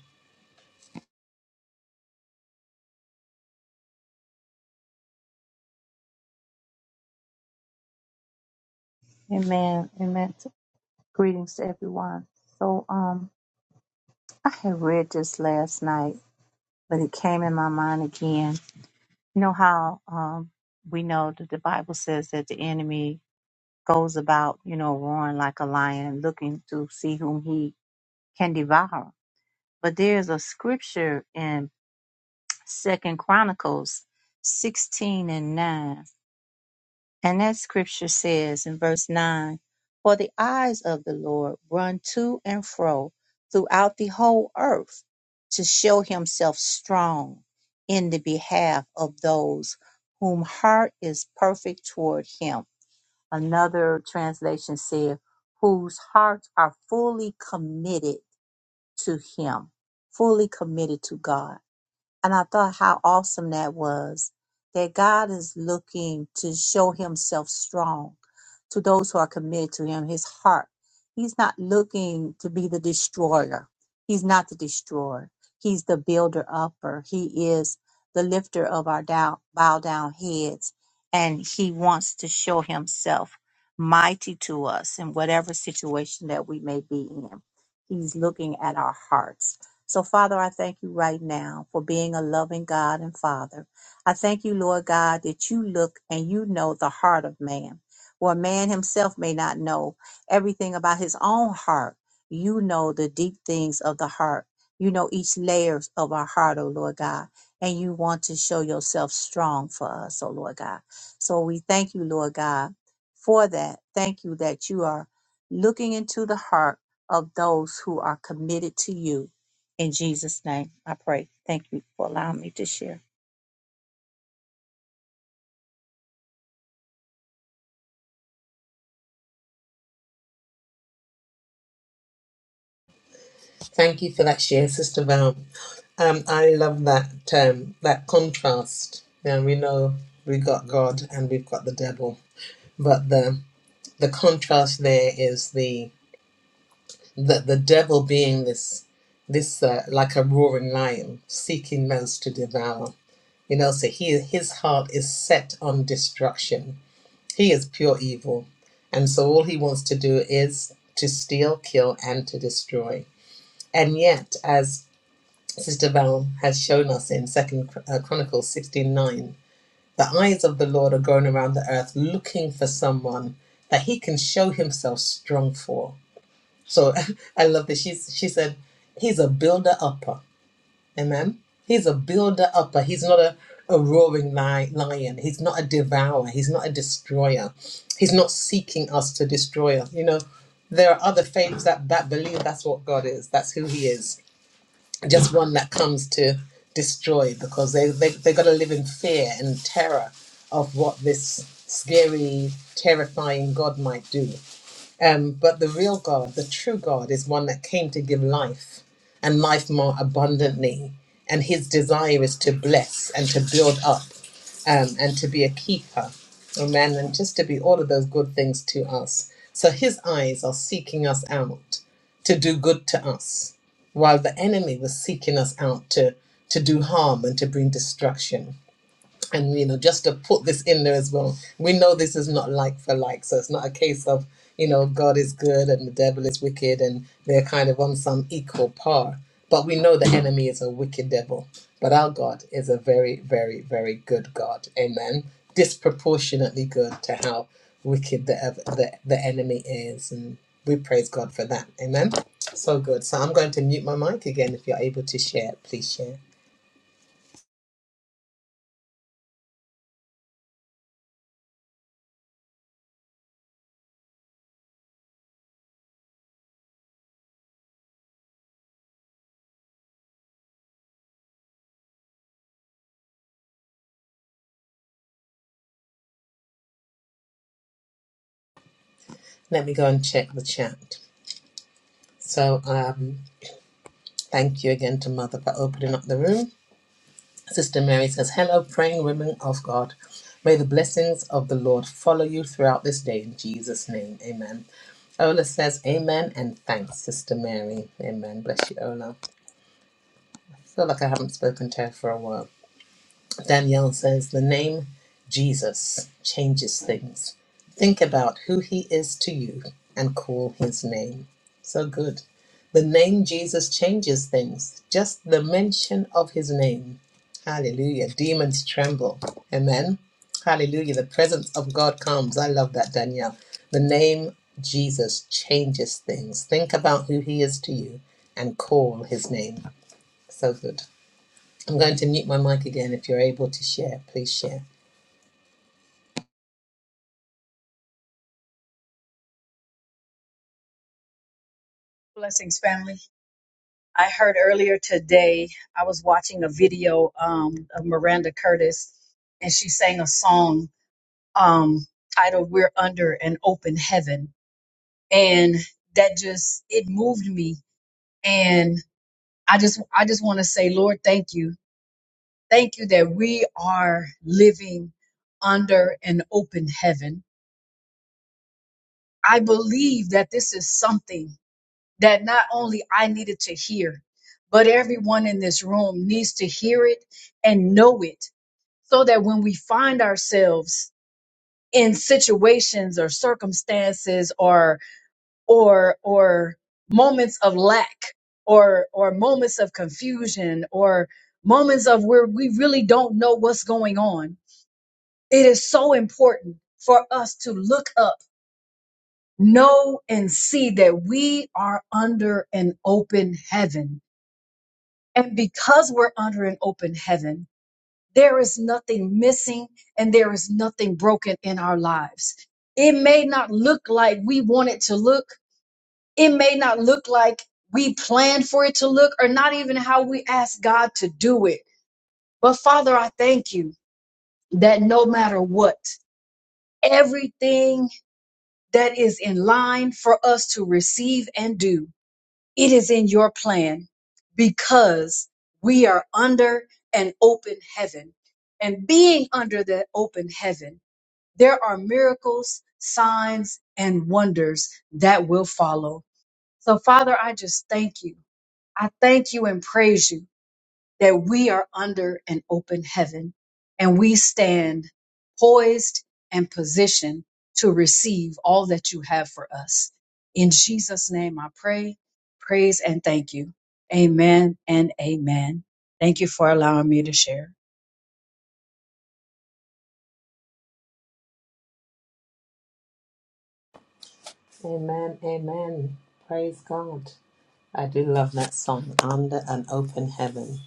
Speaker 4: Amen. Amen. Greetings to everyone. So, um, I had read this last night, but it came in my mind again. You know how, um, we know that the Bible says that the enemy goes about, you know, roaring like a lion, looking to see whom he can devour. But there's a scripture in Second Chronicles 16 and 9 And that scripture says in verse 9 For the eyes of the Lord run to and fro throughout the whole earth to show himself strong in the behalf of those whom heart is perfect toward him. Another translation said, Whose hearts are fully committed to him, fully committed to God. And I thought how awesome that was that God is looking to show himself strong to those who are committed to him, his heart. He's not looking to be the destroyer. He's not the destroyer. He's the builder upper. He is the lifter of our down, bow down heads. And he wants to show himself mighty to us in whatever situation that we may be in. He's looking at our hearts. So, Father, I thank you right now for being a loving God and Father. I thank you, Lord God, that you look and you know the heart of man, where man himself may not know everything about his own heart. You know the deep things of the heart. You know each layers of our heart, oh Lord God, and you want to show yourself strong for us, oh Lord God. So we thank you, Lord God, for that. Thank you that you are looking into the heart of those who are committed to you in Jesus' name, I pray. Thank you for allowing me to share.
Speaker 1: Thank you for that share, Sister Val. Um, I love that um, that contrast. Now we know we got God and we've got the devil, but the the contrast there is the the, the devil being this this uh, like a roaring lion seeking those to devour. You know, so he his heart is set on destruction. He is pure evil, and so all he wants to do is to steal, kill, and to destroy. And yet, as Sister Devalm has shown us in Second uh, Chronicles sixteen nine. The eyes of the Lord are going around the earth looking for someone that he can show himself strong for. So <laughs> I love this. She's, she said, He's a builder upper. Amen. He's a builder upper. He's not a, a roaring li- lion. He's not a devourer. He's not a destroyer. He's not seeking us to destroy us. You know, there are other faiths that, that believe that's what God is, that's who He is just one that comes to destroy because they, they, they got to live in fear and terror of what this scary, terrifying God might do. Um, but the real God, the true God, is one that came to give life and life more abundantly. And his desire is to bless and to build up um, and to be a keeper. Amen. And just to be all of those good things to us. So his eyes are seeking us out to do good to us, while the enemy was seeking us out to, to do harm and to bring destruction and you know just to put this in there as well we know this is not like for like so it's not a case of you know god is good and the devil is wicked and they're kind of on some equal par but we know the enemy is a wicked devil but our god is a very very very good god amen disproportionately good to how wicked the ev- the, the enemy is and we praise god for that amen so good so i'm going to mute my mic again if you're able to share please share let me go and check the chat so um Thank you again to Mother for opening up the room. Sister Mary says, Hello, praying women of God. May the blessings of the Lord follow you throughout this day in Jesus' name. Amen. Ola says, Amen and thanks, Sister Mary. Amen. Bless you, Ola. I feel like I haven't spoken to her for a while. Danielle says the name Jesus changes things. Think about who he is to you and call his name. So good. The name Jesus changes things. Just the mention of his name. Hallelujah. Demons tremble. Amen. Hallelujah. The presence of God comes. I love that, Danielle. The name Jesus changes things. Think about who he is to you and call his name. So good. I'm going to mute my mic again. If you're able to share, please share.
Speaker 5: Blessings, family. I heard earlier today, I was watching a video um, of Miranda Curtis, and she sang a song um, titled We're Under an Open Heaven. And that just, it moved me. And I just, I just want to say, Lord, thank you. Thank you that we are living under an open heaven. I believe that this is something that not only I needed to hear, but everyone in this room needs to hear it and know it so that when we find ourselves in situations or circumstances or or or moments of lack or or moments of confusion or moments of where we really don't know what's going on it is so important for us to look up know and see that we are under an open heaven And because we're under an open heaven, there is nothing missing and there is nothing broken in our lives. It may not look like we want it to look, it may not look like we planned for it to look, or not even how we asked God to do it. But Father, I thank you that no matter what, everything that is in line for us to receive and do. It is in your plan because we are under an open heaven. And being under that open heaven, there are miracles, signs, and wonders that will follow. So, Father, I just thank you. I thank you and praise you that we are under an open heaven and we stand poised and positioned to receive all that you have for us. In Jesus' name, I pray, praise, and thank you. Amen and amen. Thank you for allowing me to share.
Speaker 1: Amen, amen. Praise God. I do love that song, Under an Open Heaven,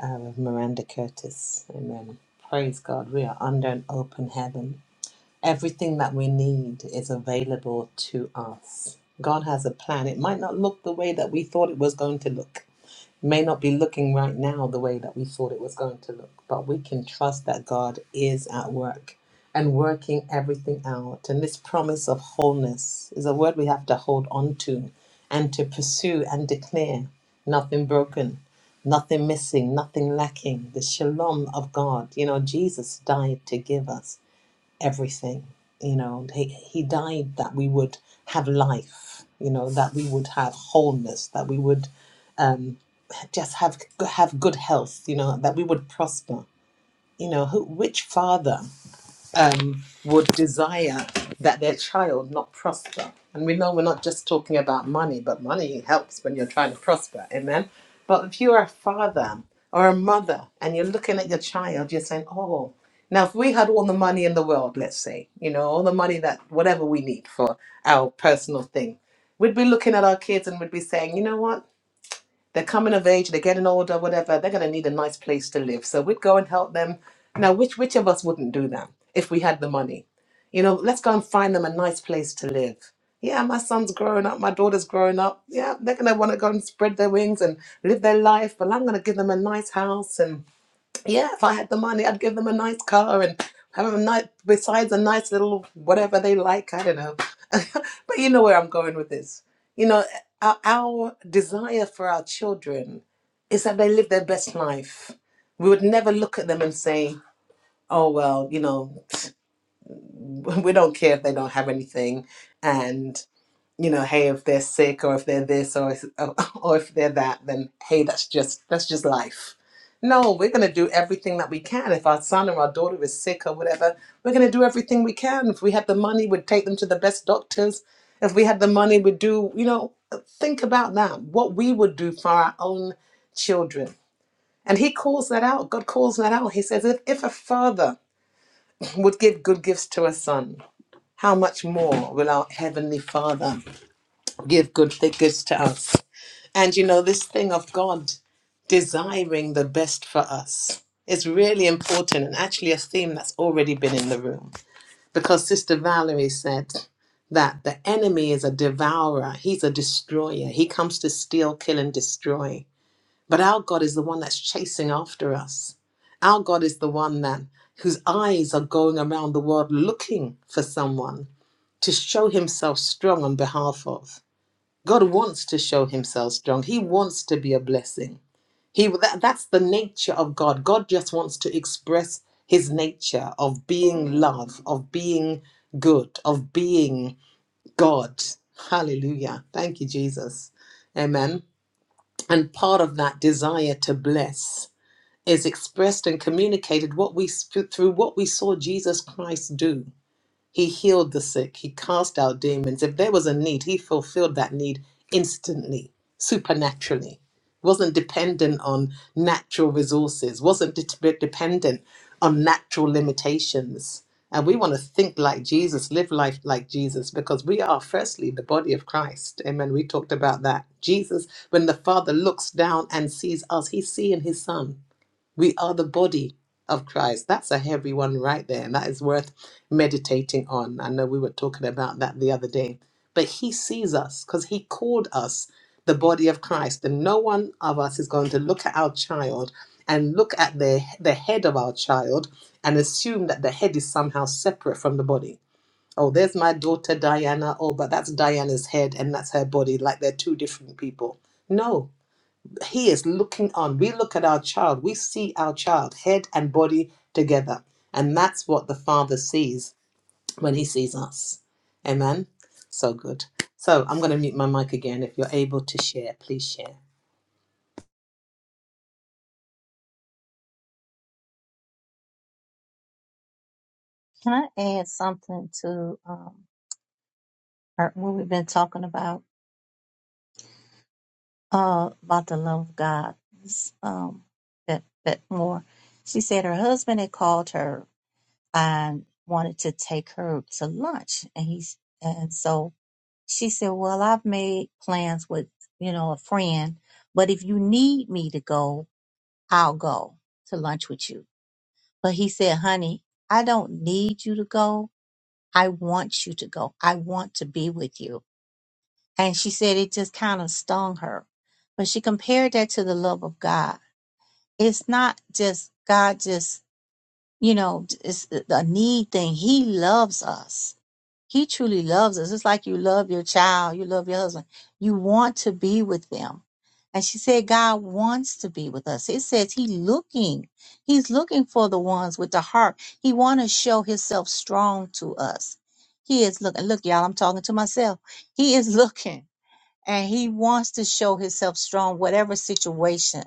Speaker 1: uh, with Miranda Curtis. Amen. Praise God. We are under an open heaven. Everything that we need is available to us. God has a plan. It might not look the way that we thought it was going to look. may not be looking right now the way that we thought it was going to look, but we can trust that God is at work and working everything out. And this promise of wholeness is a word we have to hold on to and to pursue and declare nothing broken, nothing missing, nothing lacking. The shalom of God. You know, Jesus died to give us everything. You know, he, he died that we would have life, you know, that we would have wholeness, that we would um, just have have good health you know that we would prosper you know who which father um would desire that their child not prosper and we know we're not just talking about money but money helps when you're trying to prosper amen but if you're a father or a mother and you're looking at your child you're saying oh now if we had all the money in the world let's say you know all the money that whatever we need for our personal thing we'd be looking at our kids and we'd be saying you know what they're coming of age, they're getting older, whatever. They're going to need a nice place to live. So we'd go and help them. Now, which which of us wouldn't do that if we had the money? You know, let's go and find them a nice place to live. Yeah, my son's growing up, my daughter's growing up. Yeah, they're going to want to go and spread their wings and live their life, but I'm going to give them a nice house and yeah, if I had the money, I'd give them a nice car and have a nice, besides a nice little whatever they like. I don't know. <laughs> but you know where I'm going with this. You know, our, our desire for our children is that they live their best life. We would never look at them and say, oh, well, you know, <laughs> <tsk> we don't care if they don't have anything. and you know, hey, if they're sick or if they're this or if, <laughs> or if they're that, then hey, that's just that's just life. No, we're going to do everything that we can. If our son or our daughter is sick or whatever, we're going to do everything we can. If we had the money, we'd take them to the best doctors. If we had the money, we'd do, you know, think about that, what we would do for our own children. And he calls that out. God calls that out. He says, if, if a father would give good gifts to a son, how much more will our Heavenly Father give good figures to us. And you know, this thing of God desiring the best for us is really important and actually a theme that's already been in the room because Sister Valerie said that the enemy is a devourer, he's a destroyer. He comes to steal, kill, and destroy. But our God is the one that's chasing after us. Our God is the one that whose eyes are going around the world looking for someone to show himself strong on behalf of. God wants to show himself strong. He wants to be a blessing. He that, that's the nature of God. God just wants to express his nature of being love, of being good, of being God. Hallelujah. Thank you Jesus. Amen. And part of that desire to bless is expressed and communicated what we through what we saw Jesus Christ do. He healed the sick. He cast out demons. If there was a need, he fulfilled that need instantly, supernaturally. Wasn't dependent on natural resources, wasn't de- dependent on natural limitations. And we want to think like Jesus, live life like Jesus, because we are firstly the body of Christ. Amen. We talked about that. Jesus, when the Father looks down and sees us, he's seeing his Son. We are the body of Christ. That's a heavy one right there, and that is worth meditating on. I know we were talking about that the other day, but He sees us because He called us the body of Christ, and no one of us is going to look at our child and look at the the head of our child and assume that the head is somehow separate from the body. Oh, there's my daughter Diana. Oh, but that's Diana's head and that's her body, like they're two different people. No, he is looking on. We look at our child, we see our child, head and body together. And that's what the Father sees when he sees us. Amen. So good. So I'm going to mute my mic again. If you're able to share, please share.
Speaker 4: Can I add something to um, our- what we've been talking about uh, about the love of God? This, Um, that that more. She said her husband had called her and wanted to take her to lunch, and he's and so she said, "Well, I've made plans with you know a friend, but if you need me to go, I'll go to lunch with you." But he said, "Honey, I don't need you to go. I want you to go. I want to be with you. And she said it just kind of stung her. But she compared that to the love of God. It's not just God, just, you know, it's a need thing. He loves us. He truly loves us. It's like you love your child, you love your husband. You want to be with them. And she said, God wants to be with us. It says He looking. He's looking for the ones with the heart. He want to show Himself strong to us. He is looking. Look, y'all, I'm talking to myself. He is <laughs> looking and He wants to show Himself strong, whatever situation.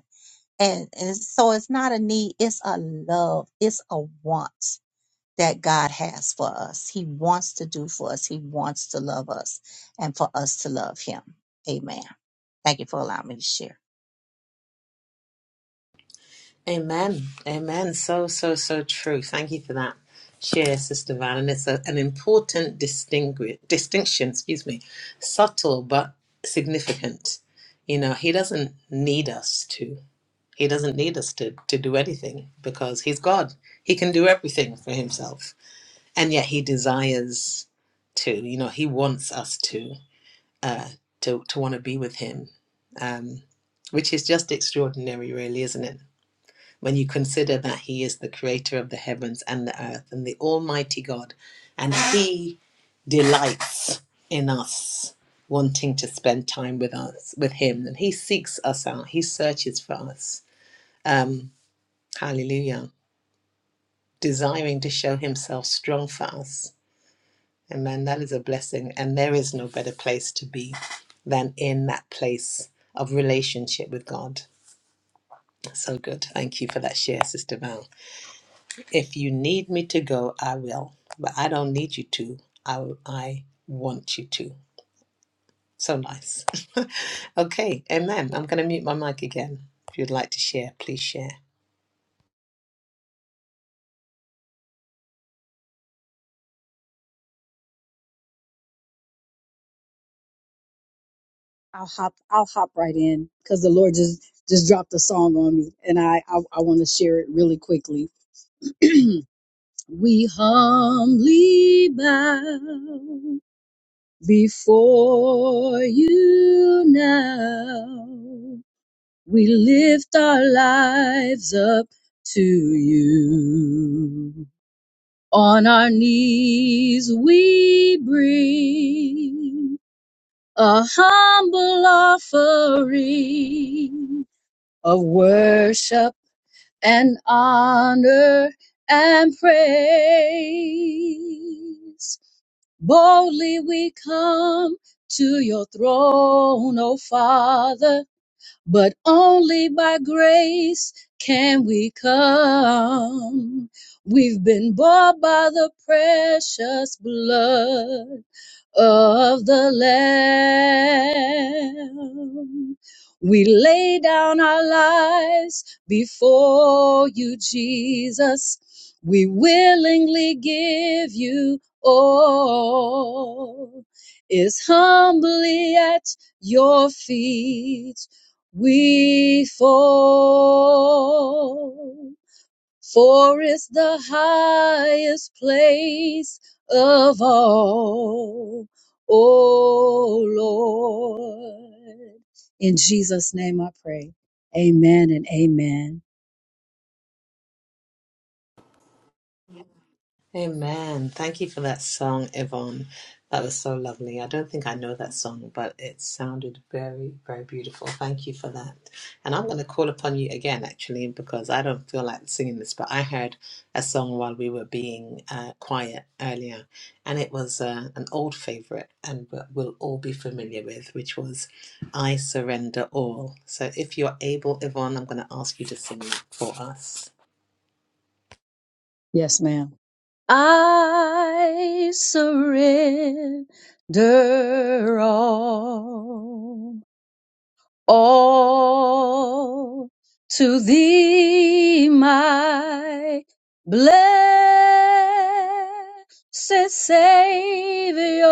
Speaker 4: And, and so it's not a need, it's a love, it's a want that God has for us. He wants to do for us. He wants to love us and for us to love him. Amen. Thank you for allowing me to share.
Speaker 1: Amen. Amen. So, so, so true. Thank you for that share, Sister Val. And it's a, an important distinguish, distinction, excuse me, subtle but significant. You know, he doesn't need us to. He doesn't need us to, to do anything because he's God. He can do everything for himself. And yet he desires to, you know, he wants us to uh to to want to be with him. Um which is just extraordinary really, isn't it? When you consider that he is the creator of the heavens and the earth and the almighty God and he delights in us wanting to spend time with us with him and he seeks us out he searches for us um hallelujah desiring to show himself strong for us. Amen. that is a blessing. And there is no better place to be than in that place of relationship with God. So good. Thank you for that share, Sister Val. If you need me to go, I will. But I don't need you to. I, I want you to. So nice. <laughs> okay. Amen. I'm going to mute my mic again. If you'd like to share, please share.
Speaker 5: I'll hop, I'll hop right in because the Lord just just dropped a song on me, and I I, I want to share it really quickly. <clears throat> we humbly bow Before you now, we lift our lives up to you. On our knees we bring a humble offering of worship and honor and praise. Boldly we come to your throne, O Father, but only by grace can we come. We've been bought by the precious blood of the Lamb. We lay down our lives before you, Jesus. We willingly give you all. Is humbly at your feet we fall for it's the highest place of all. O Lord. In Jesus' name I pray. Amen and amen.
Speaker 1: Amen. Thank you for that song, Yvonne. That was so lovely. I don't think I know that song, but it sounded very, very beautiful. Thank you for that. And I'm going to call upon you again, actually, because I don't feel like singing this, but I heard a song while we were being uh, quiet earlier, and it was uh, an old favorite and we- we'll all be familiar with, which was I Surrender All. So if you're able, Yvonne, I'm going to ask you to sing that for us.
Speaker 5: Yes, ma'am. I surrender all. all to thee, my blessed Savior,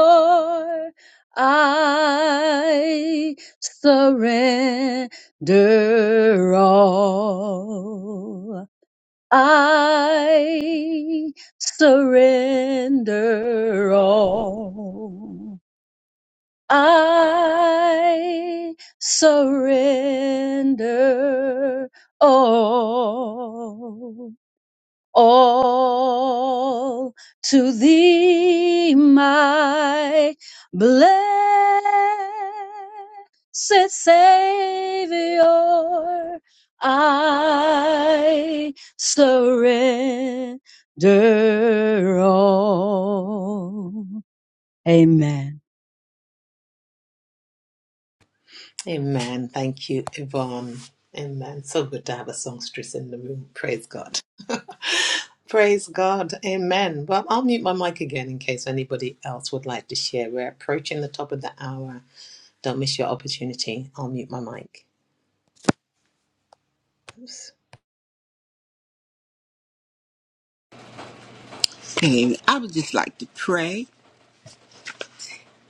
Speaker 5: I surrender all. I surrender all. I surrender all, all to thee, my blessed Savior. I surrender all. Amen.
Speaker 1: Amen. Thank you, Yvonne. Amen. So good to have a songstress in the room. Praise God. Praise God. Amen. Well, I'll mute my mic again in case anybody else would like to share. We're approaching the top of the hour. Don't miss your opportunity. I'll mute my mic. Oops.
Speaker 6: Hey, I would just like to pray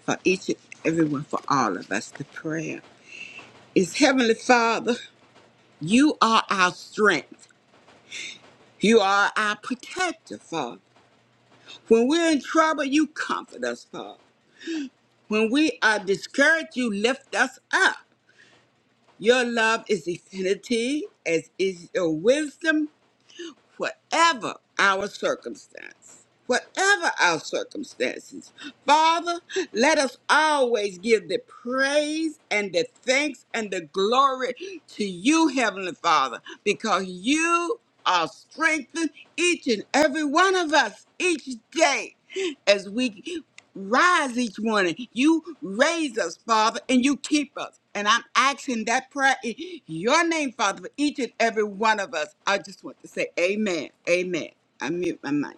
Speaker 6: for each and everyone, for all of us. The prayer is Heavenly Father, you are our strength. You are our protector, Father. When we're in trouble, you comfort us, Father. When we are discouraged, you lift us up. Your love is infinity, as is your wisdom whatever our circumstance, whatever our circumstances. Father, let us always give the praise and the thanks and the glory to you, Heavenly Father, because you are strengthening each and every one of us each day as we rise each morning. You raise us, Father, and you keep us. And I'm asking that prayer in your name, Father, for each and every one of us. I just want to say amen. Amen. I mute my mic.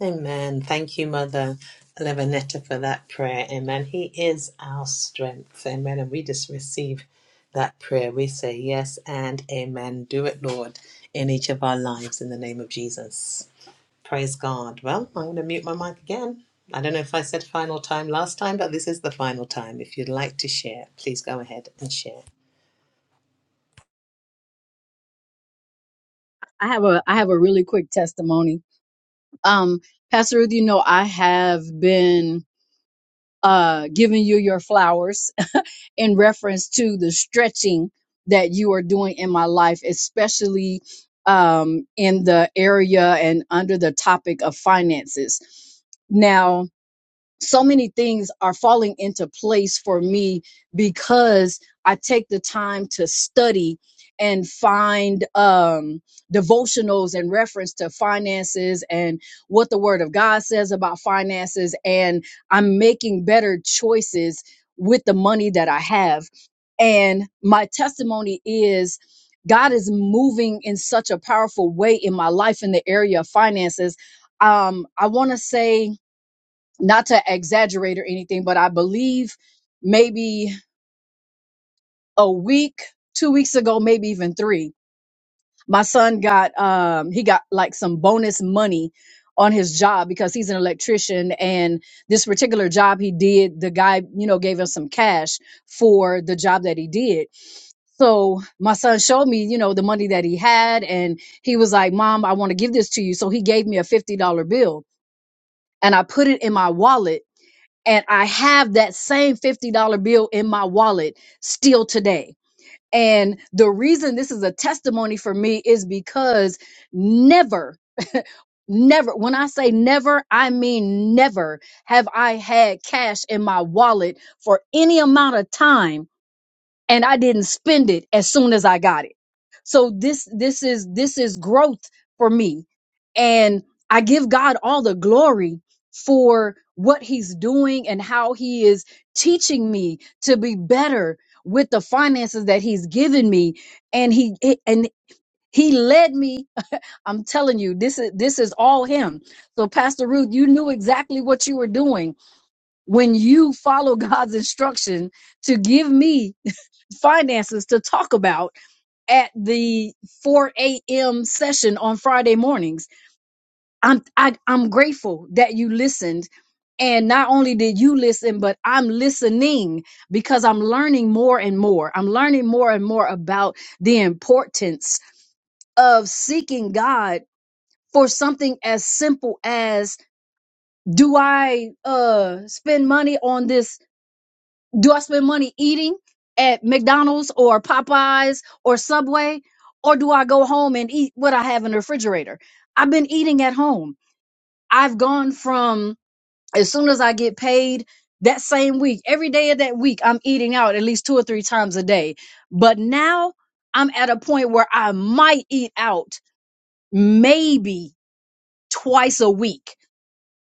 Speaker 1: Amen. Thank you, Mother Levanetta, for that prayer. Amen. He is our strength. Amen. And we just receive that prayer. We say yes and amen. Do it, Lord, in each of our lives in the name of Jesus. Praise God. Well, I'm going to mute my mic again. I don't know if I said final time last time, but this is the final time. If you'd like to share, please go ahead and share.
Speaker 5: I have a I have a really quick testimony. Um, Pastor Ruth, you know I have been uh giving you your flowers <laughs> in reference to the stretching that you are doing in my life, especially um in the area and under the topic of finances. Now, so many things are falling into place for me because I take the time to study and find um, devotionals and reference to finances and what the Word of God says about finances. And I'm making better choices with the money that I have. And my testimony is God is moving in such a powerful way in my life in the area of finances. Um, I want to say, not to exaggerate or anything, but I believe maybe a week, two weeks ago, maybe even three, my son got um he got like some bonus money on his job because he's an electrician and this particular job he did, the guy, you know, gave him some cash for the job that he did. So my son showed me, you know, the money that he had and he was like, "Mom, I want to give this to you." So he gave me a $50 bill and I put it in my wallet and I have that same $50 bill in my wallet still today. And the reason this is a testimony for me is because never, <laughs> never, when I say never, I mean never have I had cash in my wallet for any amount of time and I didn't spend it as soon as I got it. So this this is this is growth for me. And I give God all the glory for what he's doing and how he is teaching me to be better with the finances that he's given me and he it- and he led me <laughs> I'm telling you this is this is all him. So Pastor Ruth, you knew exactly what you were doing when you follow <laughs> God's instruction to give me finances to talk about at the 4 a.m. session on Friday mornings. I'm I, I'm grateful that you listened. And not only did you listen, but I'm listening because I'm learning more and more. I'm learning more and more about the importance of seeking God for something as simple as do I uh spend money on this Do I spend money eating at McDonald's or Popeyes or Subway? Or do I go home and eat what I have in the refrigerator? I've been eating at home. I've gone from as soon as I get paid that same week, every day of that week, I'm eating out at least two or three times a day. But now I'm at a point where I might eat out maybe twice a week.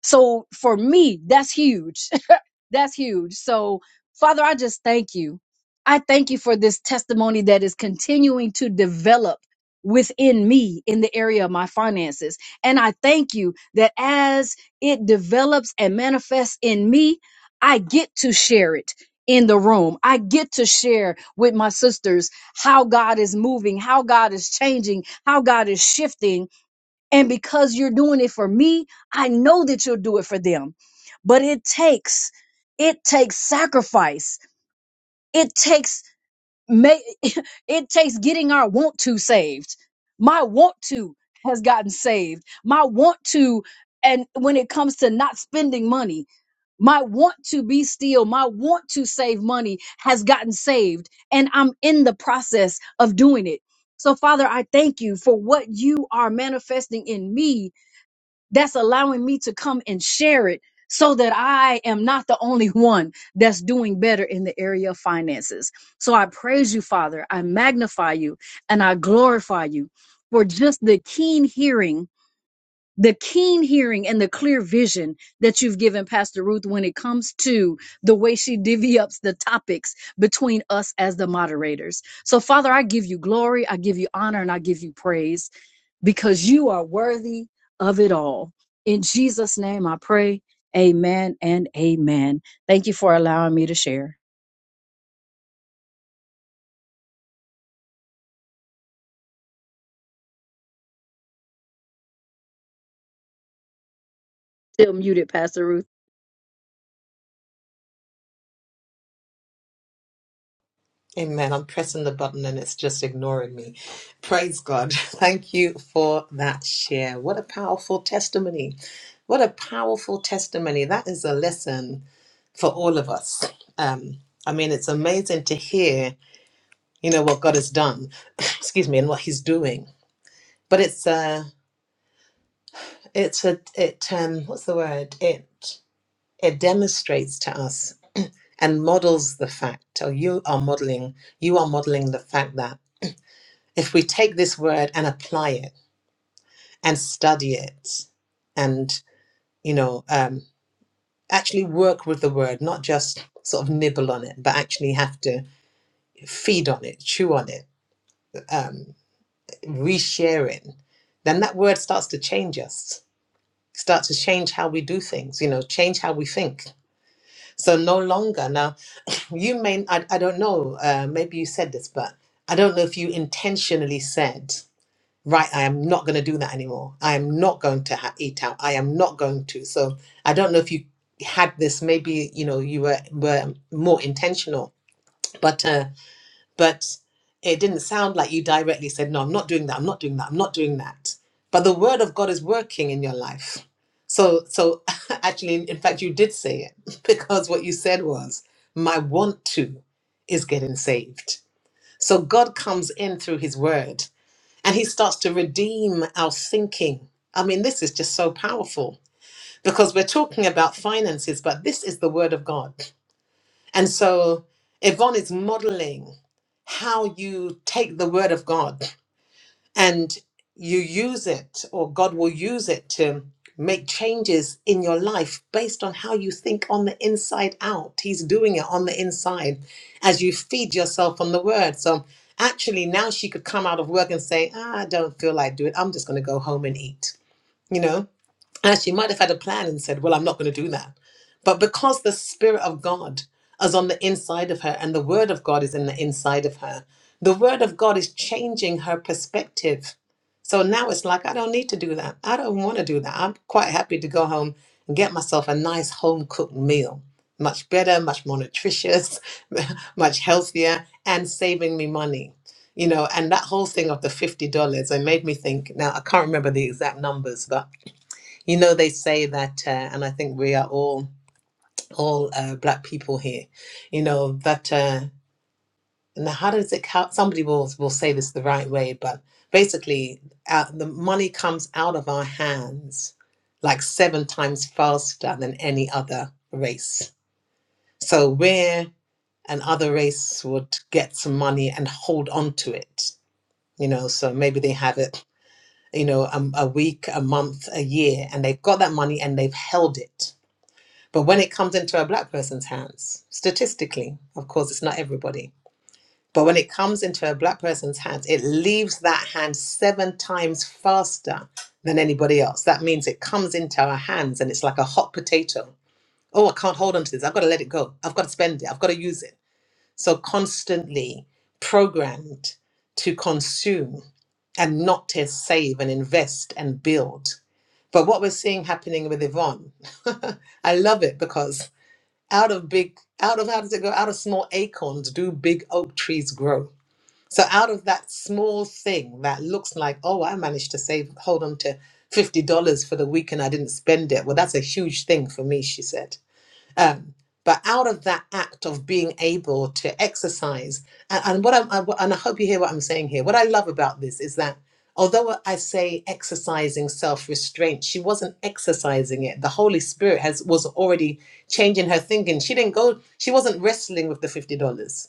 Speaker 5: So for me, that's huge that's huge. So, Father, I just thank you. I thank you for this testimony that is continuing to develop within me in the area of my finances. And I thank you that as it develops and manifests in me, I get to share it in the room. I get to share with my sisters how God is moving, how God is changing, how God is shifting and because you're doing it for me, I know that you'll do it for them. But it takes, it takes sacrifice. It takes, ma- <laughs> it takes getting our want to saved. My want to has gotten saved. My want to, and when it comes to not spending money, my want to be still, my want to save money has gotten saved. And I'm in the process of doing it. So, Father, I thank you for what you are manifesting in me that's allowing me to come and share it so that I am not the only one that's doing better in the area of finances. So I praise you, Father. I magnify you and I glorify you for just the keen hearing, the keen hearing and the clear vision that you've given Pastor Ruth when it comes to the way she divvy ups the topics between us as the moderators. So Father, I give you glory, I give you honor, and I give you praise because you are worthy of it all. In Jesus' name I pray. Amen and amen. Thank you for allowing me to share. Still muted, Pastor Ruth.
Speaker 1: Amen. I'm pressing the button and it's just ignoring me. Praise God. <laughs> Thank you for that share. What a powerful testimony. What a powerful testimony. That is a lesson for all of us. Um, I mean, it's amazing to hear, you know, what God has done, <coughs> <clears throat> excuse me, and what He's doing. But it's uh, It's a it um what's the word? It it demonstrates to us and models the fact, or you are modeling, you are modeling the fact that if we take this word and apply it and study it and you know um actually work with the word, not just sort of nibble on it, but actually have to feed on it, chew on it, um, reshare it, then that word starts to change us, starts to change how we do things, you know, change how we think. So no longer now you may i, I don't know uh, maybe you said this but i don't know if you intentionally said right i am not going to do that anymore i am not going to ha- eat out i am not going to so i don't know if you had this maybe you know you were were more intentional but uh but it didn't sound like you directly said, No, I'm not doing that, I'm not doing that, I'm not doing that. But the word of God is working in your life. So, so <laughs> actually, in fact, you did say it <laughs> because what you said was, My want to is getting saved. So God comes in through his word and he starts to redeem our thinking. I mean, this is just so powerful because we're talking about finances, but this is the word of God. And so Yvonne is modeling how you take the word of God and you use it, or God will use it to make changes in your life based on how you think on the inside out. He's doing it on the inside as you feed yourself on the word. So actually, now she could come out of work and say, "Ah, I don't feel like doing it. I'm just going to go home and eat. You know, and she might have had a plan and said, Well, I'm not going to do that. But because the Spirit of God is on the inside of her and the Word of God is in the inside of her, the Word of God is changing her perspective. So now it's like, I don't need to do that. I don't want to do that. I'm quite happy to go home and get myself a nice home cooked meal. Much better, much more nutritious, <laughs> much healthier, and saving me money. You know, and that whole thing of the $50, it made me think. Now, I can't remember the exact numbers, but you know they say that uh, and i think we are all all uh, black people here you know that uh now how does it count somebody will will say this the right way but basically uh, the money comes out of our hands like seven times faster than any other race so where an other race would get some money and hold on to it you know so maybe they have it you know a, a week a month a year and they've got that money and they've held it But when it comes into a black person's hands, statistically, of course, it's not everybody, but when it comes into a black person's hands, it leaves that hand seven times faster than anybody else. That means it comes into our hands and it's like a hot potato. Oh, I can't hold on to this. I've got to let it go. I've got to spend it. I've got to use it. So constantly programmed to consume and not to save and invest and build. But what we're seeing happening with Yvonne, <laughs> I love it because out of big out of how does it go out of small acorns do big oak trees grow so out of that small thing that looks like oh i managed to save hold on to $50 for the week and i didn't spend it well that's a huge thing for me she said um, but out of that act of being able to exercise, and, and what I'm, I, and I hope you hear what I'm saying here. What I love about this is that although I say exercising self-restraint, she wasn't exercising it. The Holy Spirit has was already changing her thinking. She didn't go. She wasn't wrestling with the fifty dollars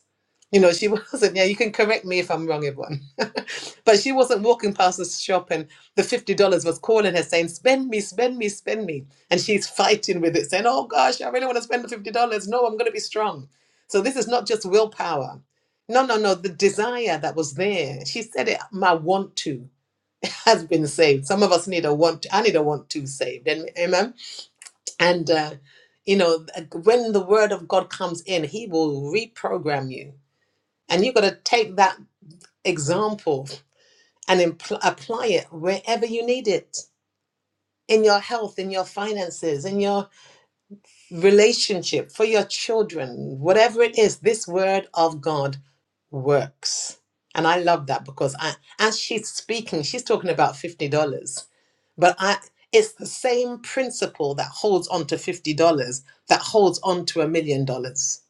Speaker 1: you know, she <laughs> wasn't, yeah, you can correct me if I'm wrong, everyone. <laughs> but she wasn't walking past the shop and the $50 was calling her saying, spend me, spend me, spend me. And she's <laughs> fighting with it, saying, oh gosh, I really want to spend the $50. No, I'm going to be strong. So this is not just willpower. No, no, no. The desire that was there, she said it, my want to <laughs> has been saved. Some of us need a want, to, I need a want to saved. And, amen. And, uh, you know, when the word of God comes in, he will reprogram you and you've got to take that example and impl- apply it wherever you need it in your health, in your finances, in your relationship, for your children, whatever it is, this word of God works. And I love that because I, as she's speaking, she's talking about $50. But I, it's the same principle that holds on to $50 that holds on to a million dollars.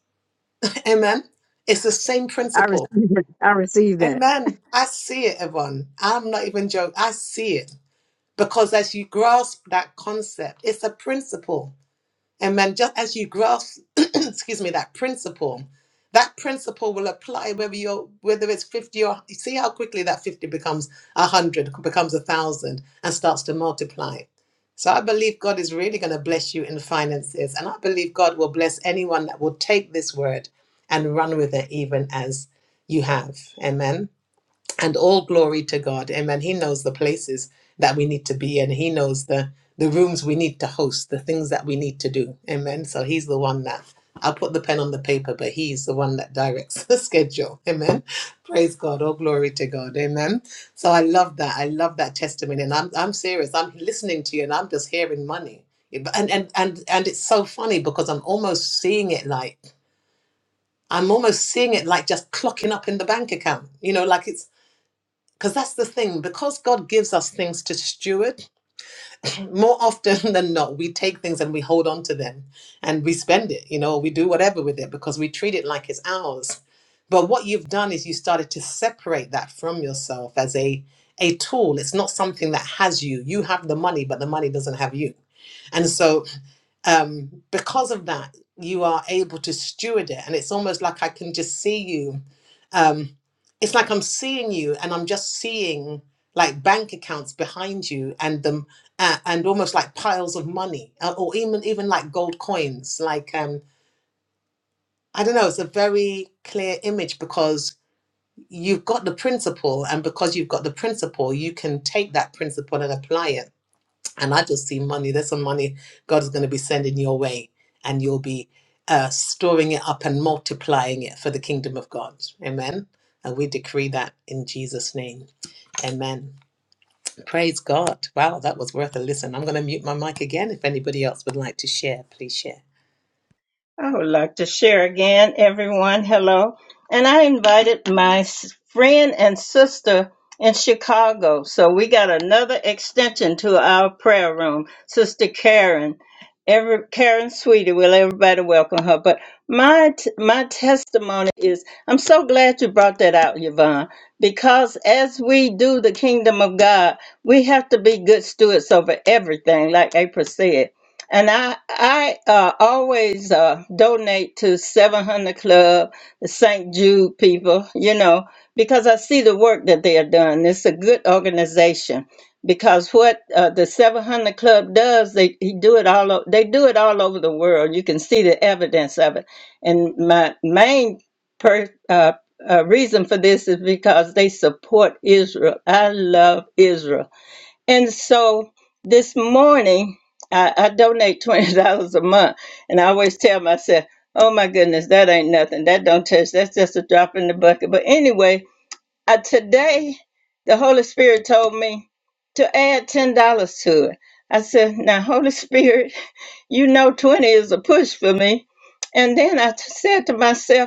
Speaker 1: Amen. It's the same
Speaker 5: I
Speaker 1: principle
Speaker 5: receive it. I receive that.
Speaker 1: Amen. I see it, Yvonne. I'm not even joking. I see it. Because as you grasp that concept, it's a principle. Amen. Just as you grasp, <clears throat> excuse me, that principle, that principle will apply whether you're whether it's 50 or you see how quickly that 50 becomes a hundred, becomes a thousand, and starts to multiply. So I believe God is really going to bless you in finances. And I believe God will bless anyone that will take this word and run with it even as you have. Amen and all glory to God. Amen. He knows the places that we need to be in. He knows the the rooms we need to host, the things that we need to do. Amen. So he's the one that I'll put the pen on the paper, but he's the one that directs <laughs> the schedule. Amen. Praise God. All glory to God. Amen. So I love that. I love that testimony. And I'm I'm serious. I'm listening to you and I'm just hearing money. And and and and it's so funny because I'm almost seeing it like I'm almost seeing it like just clocking up in the bank account. You know, like it's because that's the thing, because God gives us things to steward, <clears throat> more often <laughs> than not, we take things and we hold on to them and we spend it, you know, we do whatever with it because we treat it like it's ours. But what you've done is you started to separate that from yourself as a a tool. It's not something that has you. You have the money, but the money doesn't have you. And so um, because of that, you are able to steward it. And it's almost like I can just see you. Um, it's like I'm seeing you and I'm just seeing like bank accounts behind you and them uh, and almost like piles of money uh, or even even like gold coins like um i don't know it's a very clear image because you've got the principle and because you've got the principle you can take that principle and apply it and I just see money. There's some money God is going to be sending your way, and you'll be uh, storing it up and multiplying it for the kingdom of God. Amen. And we decree that in Jesus' name. Amen. Praise God. Wow, that was worth a listen. I'm going to mute my mic again. If anybody else would like to share, please share.
Speaker 7: because because what it does they he do it all o- they do it all over the world you can see the evidence of it and my main per, uh, uh, reason for this is because they support israel i love israel and so this morning i, I donate <laughs> $20 a month and i always tell myself oh my goodness that ain't nothing that don't touch that's just a drop in the bucket but anyway uh, today the Holy Spirit told me to add ten dollars to it. I said, "Now, Holy Spirit, you know twenty is a push for me." And then I t- said to myself,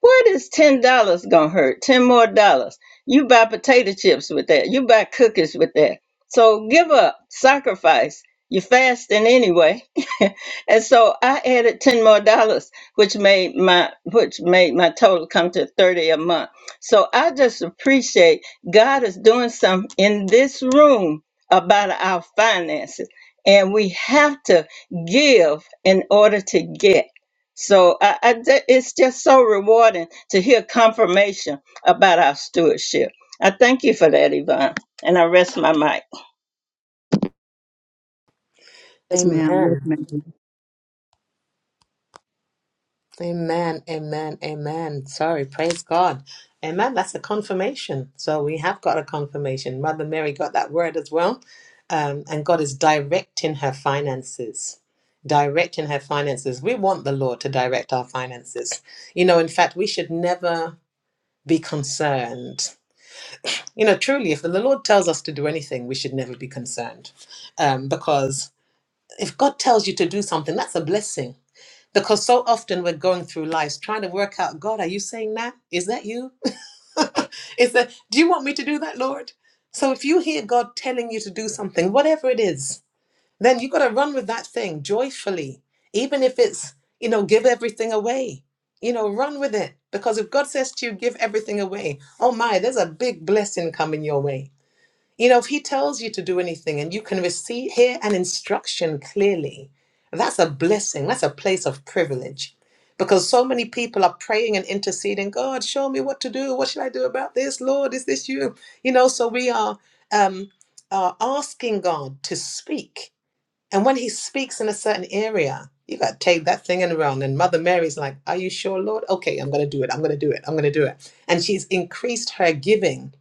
Speaker 7: what is ten dollars gonna hurt? Ten more dollars. You buy potato chips with that. You buy cookies with that. So give up, sacrifice. You're fasting anyway. <laughs> and so I added ten more dollars, which made my which made my total come to thirty a month. So I just appreciate God is doing something in this room about our finances. And we have to give in order to get. So I, I ju- it's just so rewarding to hear confirmation about our stewardship. I thank you for that, Yvonne, and I rest my mic.
Speaker 5: Yes, ma'am. Yes,
Speaker 1: Amen.
Speaker 5: ma'am.
Speaker 1: Amen, amen, amen. Sorry, praise God. Amen. That's a confirmation. So we have got a confirmation. Mother Mary got that word as well. Um, and God is directing her finances. Directing her finances. We want the Lord to direct our finances. You know, in fact, we should never be concerned. You know, truly, if the Lord tells us to do anything, we should never be concerned. Um, because if God tells you to do something, that's a blessing because so often we're going through life trying to work out, God, are you saying that? Is that you? <laughs> is that do you want me to do that, Lord? So if you hear God telling you to do something, whatever it is, then you gotta run with that thing joyfully. Even if it's, you know, give everything away. You know, run with it. Because if God says to you, give everything away, oh my, there's a big blessing coming your way you know, if he tells you to do anything and you can receive, hear an instruction clearly, that's a blessing. That's a place of privilege. Because so many people are praying and interceding, God, show me what to do. What should I do about this? Lord, is this you? You know, so we are, um, are asking God to speak. And when he speaks in a certain area, you got to take that thing and run. And Mother Mary's like, Are you sure, Lord? Okay, I'm going to do it. I'm going to do it. I'm going to do it. And she's increased her giving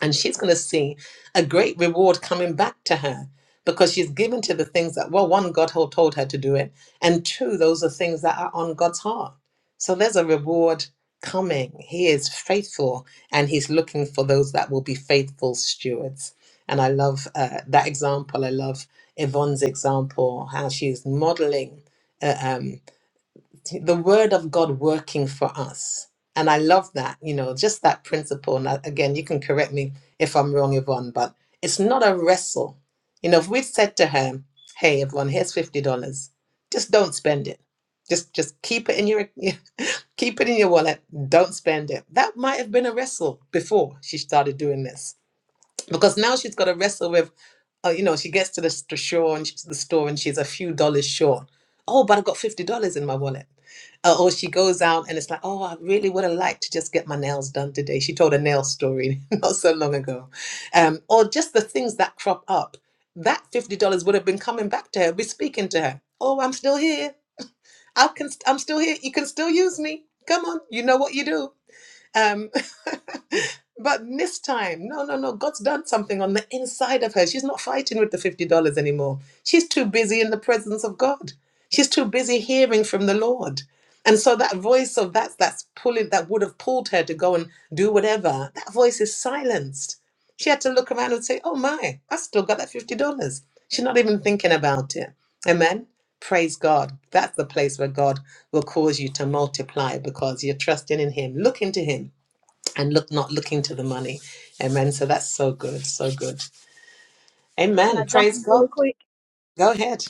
Speaker 1: and she's going to see a great reward coming back to her because she's given to the things that well one god had told her to do it and two those are things that are on god's heart so there's a reward coming he is faithful and he's looking for those that will be faithful stewards and i love uh, that example i love yvonne's example how she's modeling uh, um, the word of God working for us. And I love that, you know, just that principle. And I- again, you can correct me if I'm wrong, Yvonne, but it's not a wrestle. You know, if we said to her, "Hey, Yvonne, here's fifty dollars. Just don't spend it. Just just keep it in your <laughs> keep it in your wallet. Don't spend it." That might have been a wrestle before she started doing this because now she's got to wrestle with, uh, you know, she gets to the, st- shore and she's the store and she's a few dollars short. Oh, but I've got fifty dollars in my wallet. Uh, or she goes out and it's like, oh, I really would have liked to just get my nails done today. She told a nail story <laughs> not so long ago, um, or just the things that crop up. That fifty dollars would have been coming back to her, be speaking to her. Oh, I'm still here. I can. st- I'm still here. You can still use me. Come on, you know what you do um, <laughs> but this time, no, no, no. God's done something on the inside of her. She's not fighting with the $50 anymore. She's too busy in the presence of God. She's too busy hearing from the Lord. And so that voice of that's that's pulling that would have pulled her to go and do whatever, that voice is silenced. She had to look around and say, Oh my, I still got that $50. She's not even thinking about it. Amen praise God. That's the place where God will cause you to multiply because you're trusting in Him. Look into Him and look not looking to the money. Amen. So that's so good. So good.
Speaker 5: Can
Speaker 1: Amen.
Speaker 5: I jump
Speaker 1: Praise
Speaker 5: in really
Speaker 1: God.
Speaker 5: quick?
Speaker 1: Go ahead.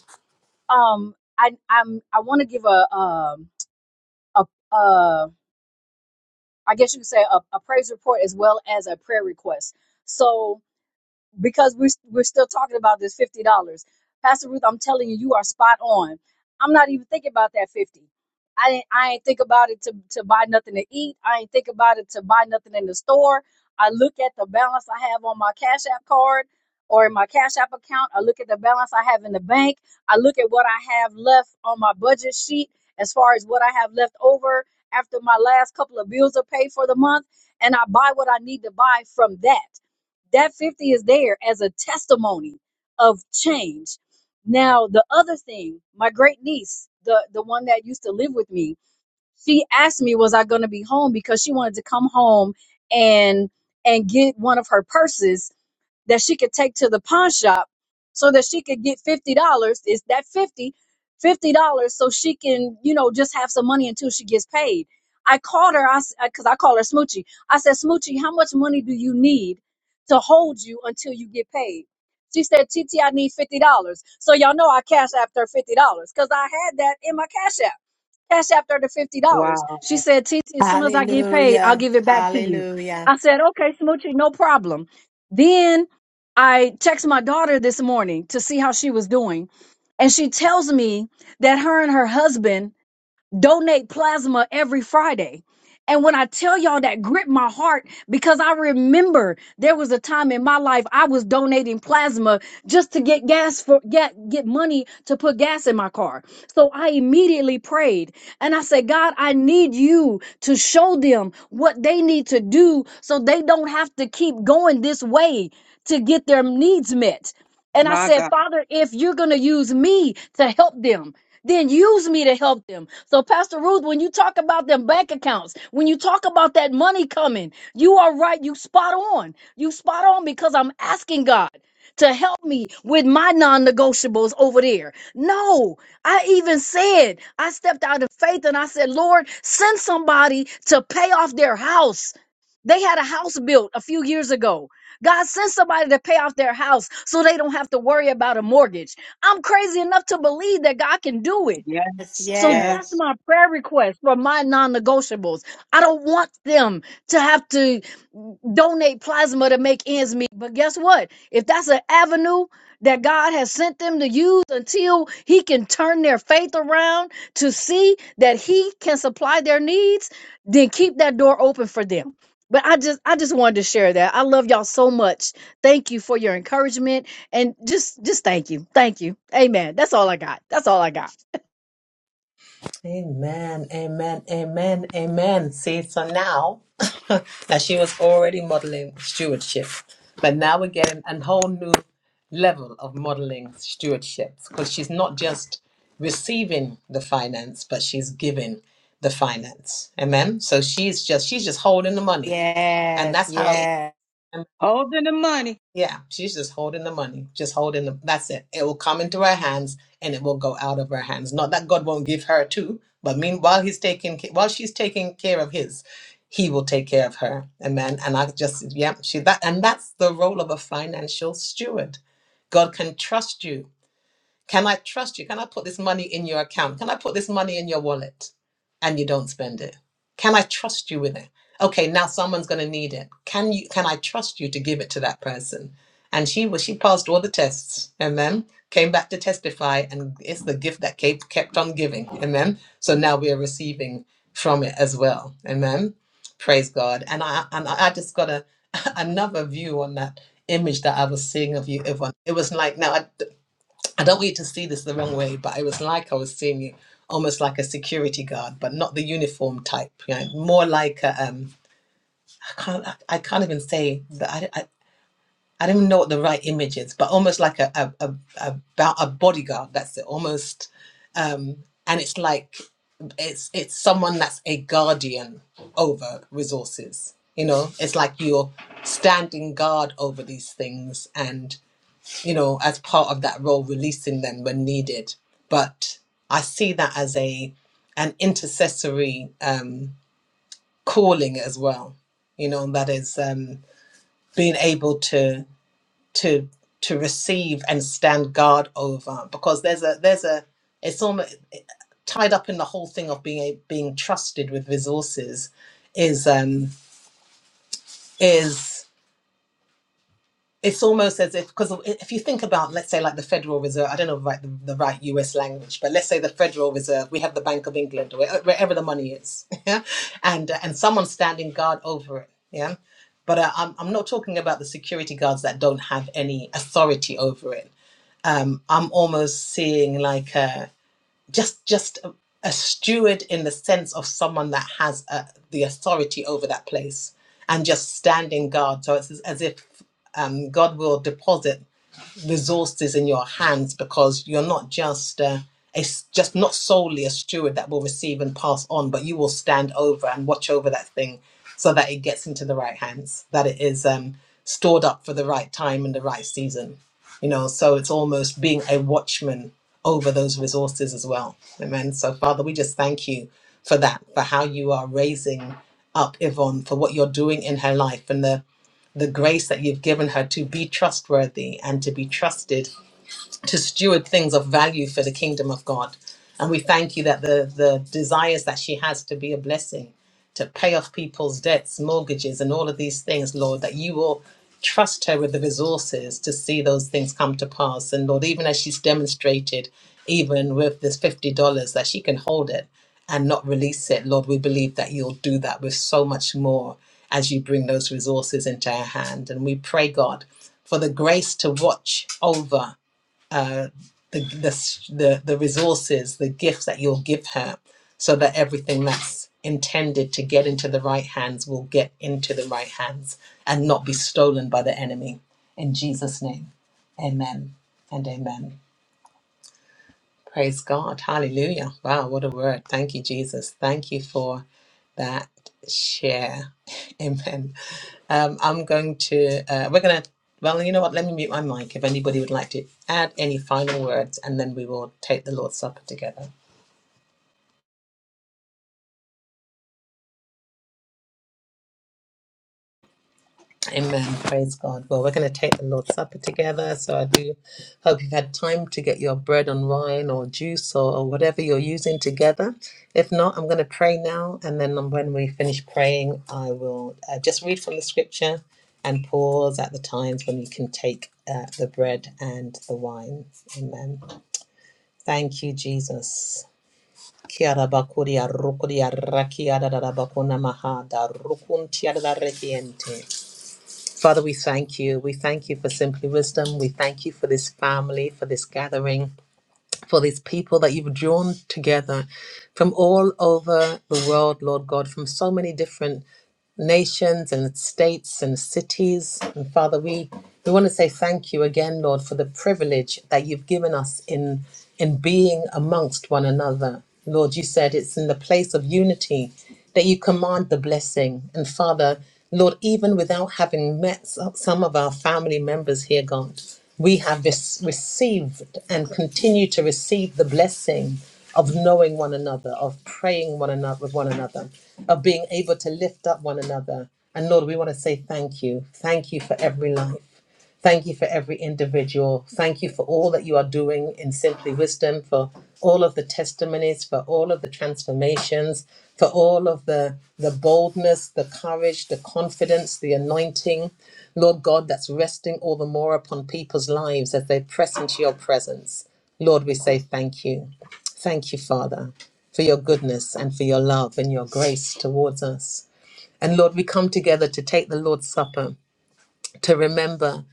Speaker 5: Um, I I'm I want to give a um a uh I guess you could say a, a praise report as well as a prayer request. So because we're, we're still talking about this $50. Pastor Ruth, I'm telling you, you are spot on. I'm not even thinking about that 50. I ain't, I ain't think about it to, to buy nothing to eat. I ain't think about it to buy nothing in the store. I look at the balance I have on my Cash App card or in my Cash App account. I look at the balance I have in the bank. I look at what I have left on my budget sheet as far as what I have left over after my last couple of bills are paid for the month. And I buy what I need to buy from that that 50 is there as a testimony of change. Now, the other thing, my great niece, the, the one that used to live with me, she asked me, was I going to be home? Because she wanted to come home and, and get one of her purses that she could take to the pawn shop so that she could get $50 is that 50 $50 so she can you know just have some money until she gets paid i called her i because i call her smoochie i said smoochie how much money do you need to hold you until you get paid she said tt i need $50 so y'all know i cash after $50 because i had that in my cash app Cash after her the fifty dollars.
Speaker 8: Wow.
Speaker 5: She said, "TT, as soon as I get paid, I'll
Speaker 9: Hallelujah.
Speaker 5: give it back to you."
Speaker 9: Hallelujah.
Speaker 5: I said, "Okay, Smoochie, no problem." Then I text my daughter this morning to see how she was doing, and she tells me that her and her husband donate plasma every Friday. And when I tell y'all that gripped my heart because I remember there was a time in my life I was donating plasma just to get gas for get get money to put gas in my car. So I immediately prayed and I said, "God, I need you to show them what they need to do so they don't have to keep going this way to get their needs met." And I
Speaker 8: My
Speaker 5: said,
Speaker 8: God.
Speaker 5: Father, if you're going to use me to help them, then use me to help them. So, Pastor Ruth, when you talk about them bank accounts, when you talk about that money coming, you are right. You spot on. You spot on because I'm asking God to help me with my non negotiables over there. No, I even said, I stepped out of faith and I said, Lord, send somebody to pay off their house. They had a house built a few years ago God send somebody to pay off their house so they don't have to worry about a mortgage. I'm crazy enough to believe that God can do it.
Speaker 9: Yes,
Speaker 8: Yes.
Speaker 5: So
Speaker 9: yes,
Speaker 5: that's
Speaker 8: Yes.
Speaker 5: my prayer request for my non negotiables. I don't want them to have to donate plasma to make ends meet. But guess what? If that's an avenue that God has sent them to use until He can turn their faith around to see that He can supply their needs, then keep that door open for them. But I just I just wanted to share that. I love y'all so much. Thank you for your encouragement and just just thank you. Thank you. Amen. That's all I got. That's all I got.
Speaker 1: Amen, amen, amen, amen. See, so now <laughs> that she was already modeling stewardship, but now we're getting a whole new level of modeling stewardship because she's not just receiving the finance, but she's giving the finance. Amen. So she's just she's just holding the money, and
Speaker 9: yes,
Speaker 1: that's how.
Speaker 9: yes,
Speaker 8: Holding the money.
Speaker 1: Yeah, she's just holding the money, just holding the. That's it. It will come into her hands and it will go out of her hands. Not that God won't give her too, but meanwhile he's taking ca- while she's taking care of his, he will take care of her. Amen. And I just yeah, she that and that's the role of a financial steward. God can trust you can I trust you? Can I put this money in your account? Can I put this money in your wallet? And you don't spend it. Can I trust you with it? Okay, now someone's going to need it. Can you can I trust you to give it to that person? And she was she passed all the tests. Amen. Came back to testify and it's the gift that kept kept on giving. Amen. So now we are receiving from it as well. Amen. Praise God. And I and I I just got a <laughs> another view on that image that I was seeing of you, Yvonne. It was like now. I don't want you to see this the wrong way, but it was like I was seeing it almost like a security guard, but not the uniform type. You know, more like a um, I can't I, I can't even say that I, I I don't even know what the right image is, but almost like a a a, a, bo- a bodyguard. That's it, almost. Um, and it's like it's it's someone that's a guardian over resources. You know, it's like you're standing guard over these things, you know, as part of that role, releasing them when needed. But I see that as a an intercessory um, calling as well. You know, that is um, being able to to to receive and stand guard over because there's a there's a it's almost tied up in the whole thing of being a, being trusted with resources is um, is it's almost as if because if you think about let's say like the federal reserve i don't know right the, the right us language but let's say the federal reserve we have the bank of england where, wherever the money is <laughs> yeah and uh, and someone's standing guard over it yeah but uh, I'm, I'm not talking about the security guards that don't have any authority over it um, i'm almost seeing like a just just a, a steward in the sense of someone that has uh the authority over that place and just standing guard so it's as as if um, god will deposit resources in your hands because you're not just uh, a s just not solely a steward that will receive and pass on, but you will stand over and watch over that thing so that it gets into the right hands, that it is um, stored up for the right time and the right season. You know, so it's almost being a watchman over those resources as well. Amen. So, Father, we just thank you for that, for how you are raising up Yvonne, for what you're doing in her life and the the grace that you've given her to be trustworthy and to be trusted to steward things of value for the kingdom of God. And we thank you that the, the desires that she has to be a blessing, to pay off people's debts, mortgages, and all of these things, Lord, that you will trust her with the resources to see those things come to pass. And Lord, even as she's demonstrated, even with this $50, that she can hold it and not release it, Lord, we believe that you'll do that with so much more as you bring those resources into her hand. And we pray, God, for the grace to watch over the the the, the resources, the gifts that you'll give her, so that everything that's intended to get into the right hands will get into the right hands and not be stolen by the enemy. In Jesus' name, Amen and Amen. Praise God. Hallelujah. Wow, what a word. Thank you, Jesus. Thank you for that share. <laughs> Amen. Um, I'm going to, uh, we're going to, well, you know what? Let me mute my mic if anybody would like to add any final words, and then we will take the Lord's Supper together. Amen. Praise God. Well, we're going to take the Lord's Supper together. So I do hope you've had time to get your bread and wine or juice or, or whatever you're using together. If not, I'm going to pray now. And then um, when we finish praying, I will uh, just read from the scripture and pause at the times when you can take uh, the bread and the wine. Amen. Thank you, Jesus. Kia ra ba kuria rukuria rakia da da da ba maha da rukun tia da da rekiente. Father, we thank you. We thank you for Simply Wisdom. We thank you for this family, for this gathering, for these people that you've drawn together from all over the world, Lord God, from so many different nations and states and cities. And Father, we, we want to say thank you again, Lord, for the privilege that you've given us in, in being amongst one another. Lord, you said it's in the place of unity that you command the blessing. And Father, Lord, even without having met s- some of our family members here, God, we have this received and continue to receive the blessing of knowing one another, of praying one another with one another, of being able to lift up one another. And Lord, we want to say thank you. Thank you for every life. Thank you for every individual. Thank you for all that you are doing in Simply Wisdom, for all of the testimonies, for all of the transformations, for all of the, the boldness, the courage, the confidence, the anointing, Lord God, that's resting all the more upon people's lives as they press into your presence. Lord, we say thank you. Thank you, Father, for your goodness and for your love and your grace towards us. And Lord, we come together to take the Lord's Supper, to remember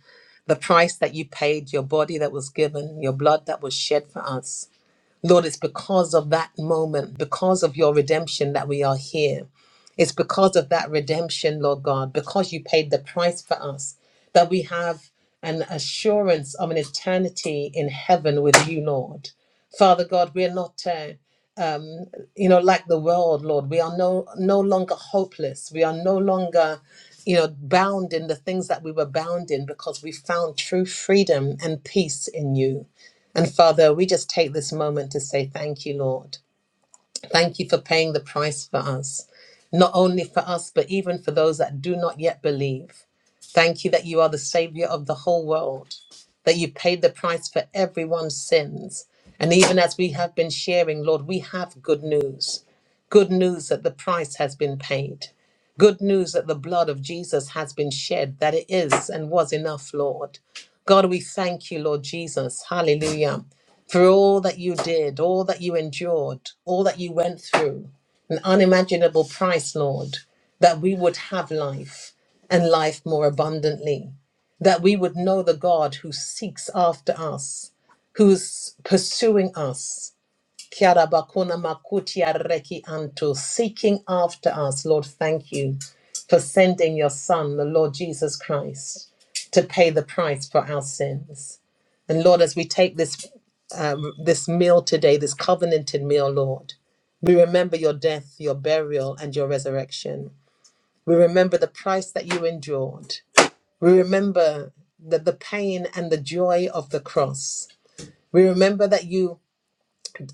Speaker 1: the price that you paid, your body that was given, your blood that was shed for us. Lord, it's because of that moment, because of your redemption that we are here. It's because of that redemption, Lord God, because you paid the price for us, that we have an assurance of an eternity in heaven with you, Lord. Father God, we're not uh, you know, like the world, Lord. We are no no longer hopeless. We are no longer, you know, bound in the things that we were bound in because we found true freedom and peace in you. And Father, we just take this moment to say thank you, Lord. Thank you for paying the price for us, not only for us, but even for those that do not yet believe. Thank you that you are the Savior of the whole world, that you paid the price for everyone's sins. And even as we have been sharing, Lord, we have good news. Good news that the price has been paid. Good news that the blood of Jesus has been shed, that it is and was enough, Lord. God, we thank you, Lord Jesus. Hallelujah for all that you did, all that you endured, all that you went through, an unimaginable price, Lord, that we would have life and life more abundantly, that we would know the God who seeks after us, who's pursuing us. Kiara bakuna makuti ya reki anto, Seeking after us, Lord, thank you for sending your Son, the Lord Jesus Christ, to pay the price for our sins. And Lord, as we take this um, this meal today, this covenanted meal, Lord. We remember your death, your burial, and your resurrection. We remember the price that you endured. We remember the, the pain and the joy of the cross. We remember that you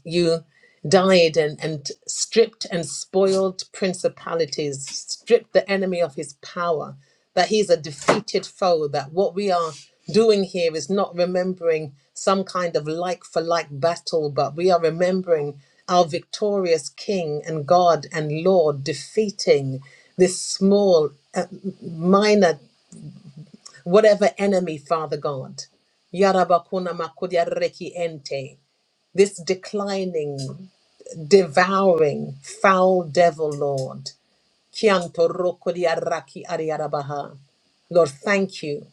Speaker 1: you died and, and stripped and spoiled principalities, stripped the enemy of his power, that he's a defeated foe, that what we are doing here is not remembering some kind of like for like battle, but we are remembering our victorious King and God and Lord defeating this small, uh, minor, whatever enemy, Father God. Yarabakuna makudia reki ente. This declining devouring foul devil, Lord. Kianto roko di araki ariarabaha. Lord, thank you.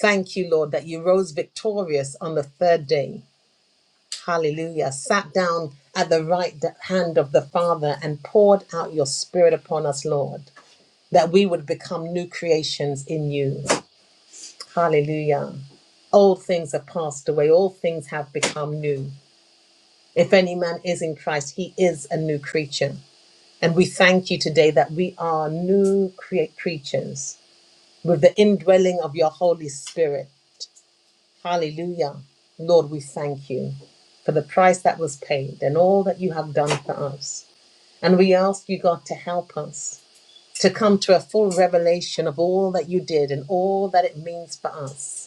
Speaker 1: Thank you, Lord, that you rose victorious on the third day. Hallelujah. Sat down at the right d- hand of the Father and poured out your spirit upon us, Lord, that we would become new creations in you. Hallelujah. Old things are passed away, all things have become new. If any man is in Christ, he is a new creature. And we thank you today that we are new create creatures with the indwelling of your Holy Spirit. Hallelujah. Lord, we thank you for the price that was paid and all that you have done for us. And we ask you, God, to help us to come to a full revelation of all that you did and all that it means for us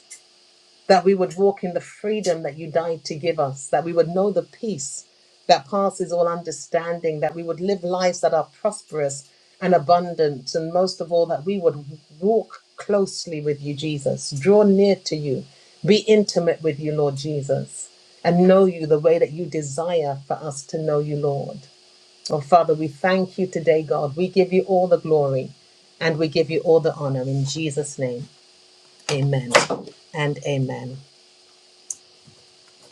Speaker 1: that we would walk in the freedom that you died to give us, that we would know the peace that passes all understanding, that we would live lives that are prosperous and abundant, and most of all, that we would walk closely with you, Jesus, draw near to you, be intimate with you, Lord Jesus, and know you the way that you desire for us to know you, Lord. Oh, Father, we thank you today, God. We give you all the glory and we give you all the honor in Jesus' name. Amen and amen.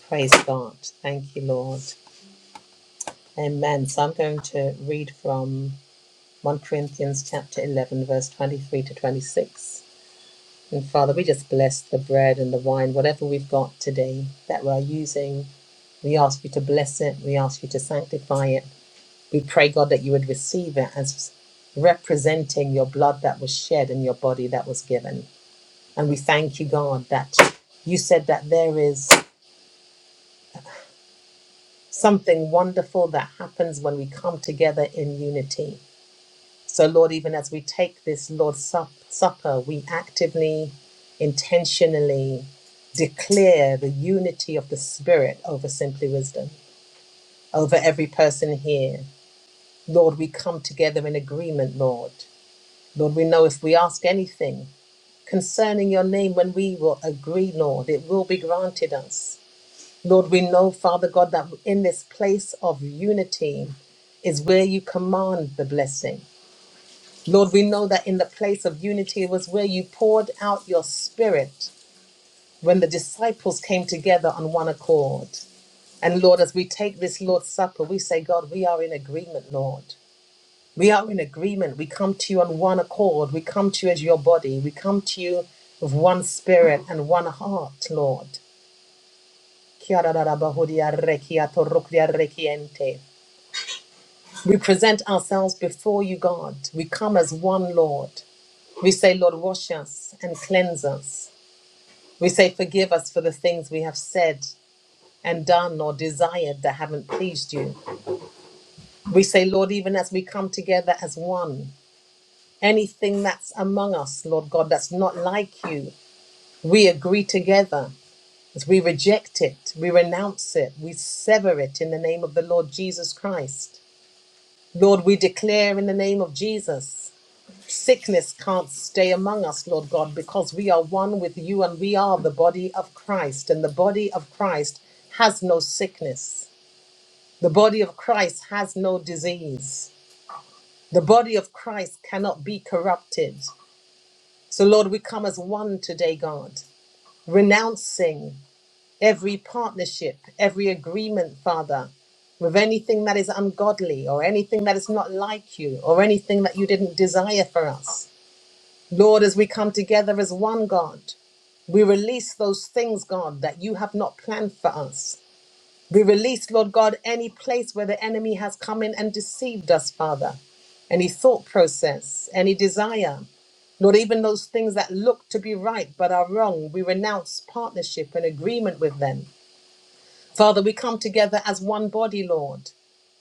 Speaker 1: Praise God. Thank you, Lord. Amen. So I'm going to read from 1 Corinthians chapter 11, verse 23 to 26. And Father, we just bless the bread and the wine, whatever we've got today that we're using. We ask you to bless it. We ask you to sanctify it. We pray, God, that you would receive it as representing your blood that was shed and your body that was given. And we thank you, God, that you said that there is something wonderful that happens when we come together in unity. So, Lord, even as we take this Lord's Sup- Supper, we actively, intentionally declare the unity of the Spirit over Simply Wisdom, over every person here. Lord, we come together in agreement, Lord. Lord, we know if we ask anything concerning your name, when we will agree, Lord, it will be granted us. Lord, we know, Father God, that in this place of unity is where you command the blessing. Lord, we know that in the place of unity was where you poured out your spirit when the disciples came together on one accord. And Lord, as we take this Lord's Supper, we say, God, we are in agreement, Lord. We are in agreement. We come to you on one accord. We come to you as your body. We come to you with one spirit and one heart, Lord. Kia ra ra ra ba ho dia re kia to ro kia re kiente. We present ourselves before you, God. We come as one Lord. We say, Lord, wash us and cleanse us. We say, forgive us for the things we have said and done or desired that haven't pleased you. We say, Lord, even as we come together as one, anything that's among us, Lord God, that's not like you, we agree together. As we reject it, we renounce it, we sever it in the name of the Lord Jesus Christ. Lord, we declare in the name of Jesus Sickness can't stay among us, Lord God, because we are one with you and we are the body of Christ. And the body of Christ has no sickness. The body of Christ has no disease. The body of Christ cannot be corrupted. So, Lord, we come as one today, God, renouncing every partnership, every agreement, Father, with anything that is ungodly or anything that is not like you or anything that you didn't desire for us. Lord, as we come together as one God, we release those things, God, that you have not planned for us. We release, Lord God, any place where the enemy has come in and deceived us, Father. Any thought process, any desire, Lord, even those things that look to be right but are wrong, we renounce partnership and agreement with them. Father, we come together as one body, Lord,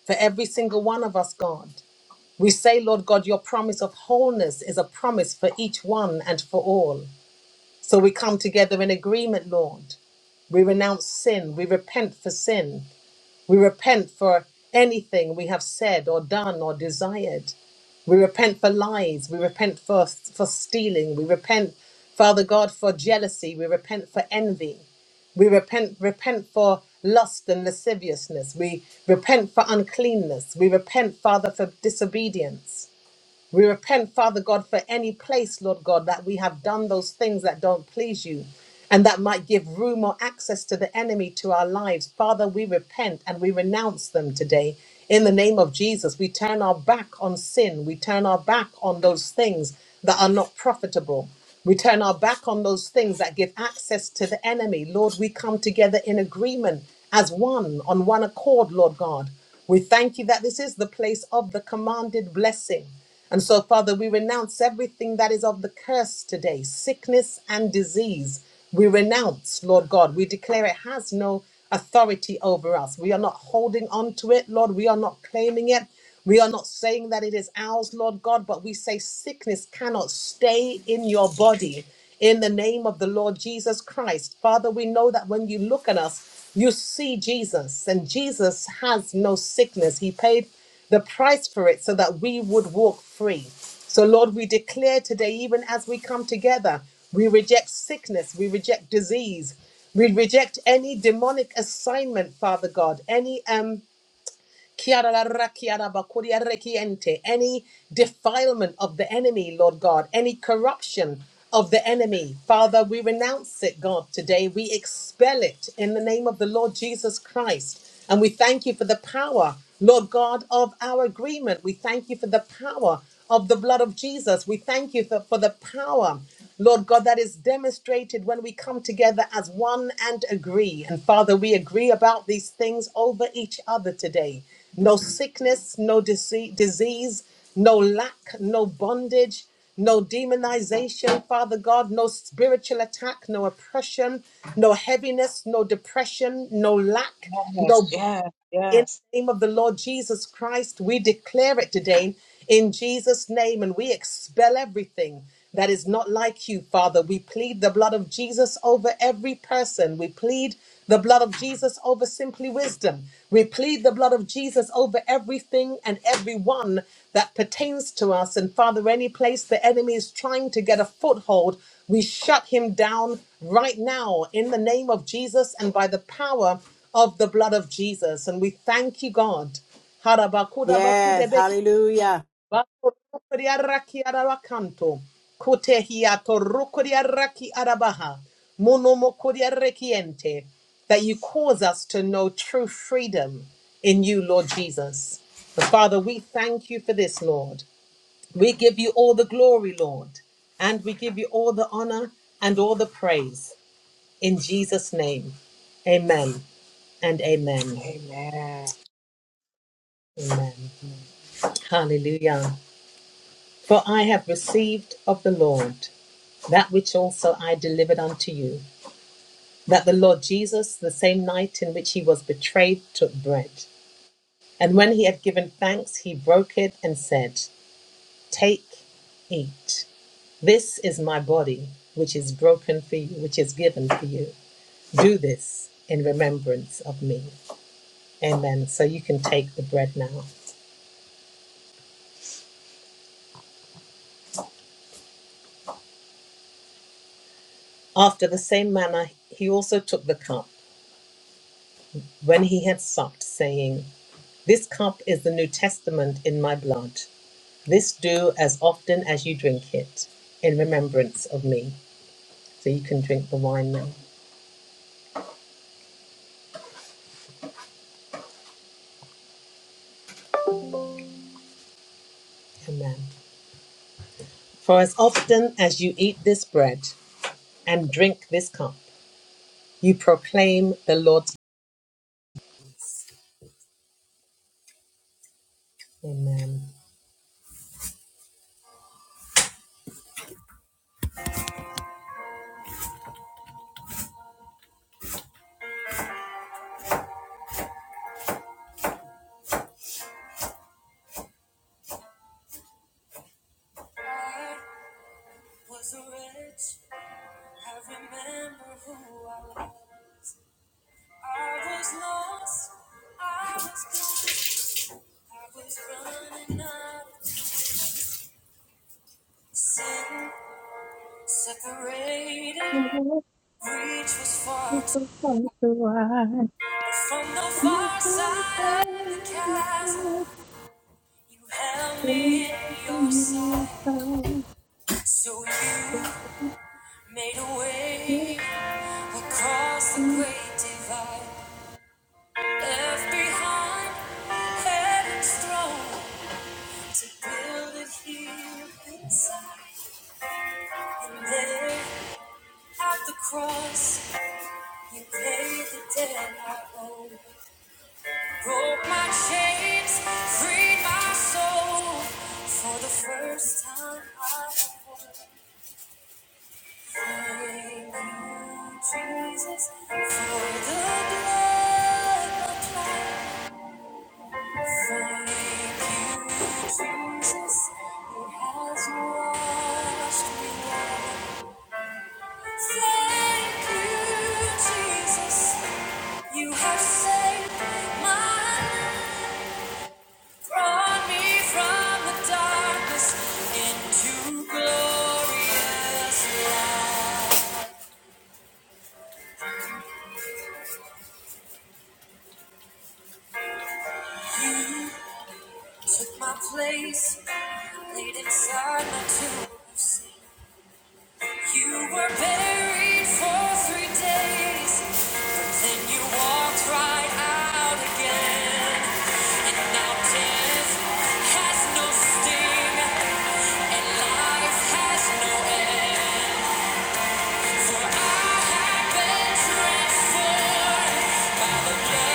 Speaker 1: for every single one of us, God. We say, Lord God, your promise of wholeness is a promise for each one and for all. So we come together in agreement, Lord. We renounce sin. We repent for sin. We repent for anything we have said or done or desired. We repent for lies. We repent for, for stealing. We repent, Father God, for jealousy. We repent for envy. We repent, repent for lust and lasciviousness. We repent for uncleanness. We repent, Father, for disobedience. We repent, Father God, for any place, Lord God, that we have done those things that don't please you and that might give room or access to the enemy to our lives. Father, we repent and we renounce them today. In the name of Jesus, we turn our back on sin. We turn our back on those things that are not profitable. We turn our back on those things that give access to the enemy. Lord, we come together in agreement as one, on one accord, Lord God. We thank you that this is the place of the commanded blessing. And so, Father, we renounce everything that is of the curse today sickness and disease. We renounce, Lord God. We declare it has no authority over us. We are not holding on to it, Lord. We are not claiming it. We are not saying that it is ours, Lord God, but we say sickness cannot stay in your body. In the name of the Lord Jesus Christ. Father, we know that when you look at us, you see Jesus, and Jesus has no sickness. He paid the price for it so that we would walk free. So, Lord, we declare today, even as we come together, we reject sickness, we reject disease, we reject any demonic assignment, Father God, any um, any defilement of the enemy, Lord God, any corruption of the enemy, Father, we renounce it, God, today. We expel it in the name of the Lord Jesus Christ. And we thank you for the power, Lord God, of our agreement. We thank you for the power of the blood of Jesus. We thank you for, for the power, Lord God, that is demonstrated when we come together as one and agree. And Father, we agree about these things over each other today no sickness, no dise- disease, no lack, no bondage, no demonization, Father God, no spiritual attack, no oppression, no heaviness, no depression, no lack, no
Speaker 8: Yes.
Speaker 1: bondage.
Speaker 8: Yes.
Speaker 1: In
Speaker 8: Yes.
Speaker 1: the name of the Lord Jesus Christ, we declare it today in Jesus' name and we expel everything that is not like you, Father. We plead the blood of Jesus over every person. We plead the blood of Jesus over simply wisdom. We plead the blood of Jesus over everything and everyone that pertains to us. And Father, any place the enemy is trying to get a foothold, we shut him down right now in the name of Jesus and by the power of the blood of Jesus. And we thank you, God.
Speaker 9: yes.
Speaker 1: Harabakudabakudebeki,
Speaker 9: Hallelujah.
Speaker 1: bakorokoriaraki arabakanto, kutehiatorokoriaraki arabaha, munomokoriarekiente, That you cause us to know true freedom in you, Lord Jesus. But Father, we thank you for this, Lord. We give you all the glory, Lord, and we give you all the honor and all the praise. In Jesus' name, amen and amen.
Speaker 8: Amen.
Speaker 1: Amen. Hallelujah. For I have received of the Lord that which also I delivered unto you, that the Lord Jesus, the same night in which he was betrayed, took bread. And when he had given thanks, he broke it and said, Take, eat. This is my body, which is broken for you, which is given for you. Do this in remembrance of me. Amen. So you can take the bread now. After the same manner, he also took the cup when he had supped, saying, This cup is the New Testament in my blood. This do as often as you drink it in remembrance of me. So you can drink the wine now. Amen. For as often as you eat this bread and drink this cup, you proclaim the Lord's. Amen. Was a wretch, I remember who I was. I was lost, I was blind, I was running out of sin. Separated, reach was far,
Speaker 5: Thank
Speaker 1: t-
Speaker 5: you.
Speaker 1: but from the far side of the chasm, you held me in your sight. So you made a way across
Speaker 5: are so
Speaker 1: the great divide, left behind heaven's throne to build it here inside. And there at the cross, you paid the debt I owe. Broke my chains, freed my soul. For the first time, I thank you, Jesus, for the blood applied. Thank you, Jesus, it has washed me white. Thank you, Jesus, you have saved my life. Brought me from the darkness into glorious light. Took my place, laid inside my tomb. You were buried for three days, then you walked right out again. And now death has no sting, and life has no end. For I have been transformed. Thank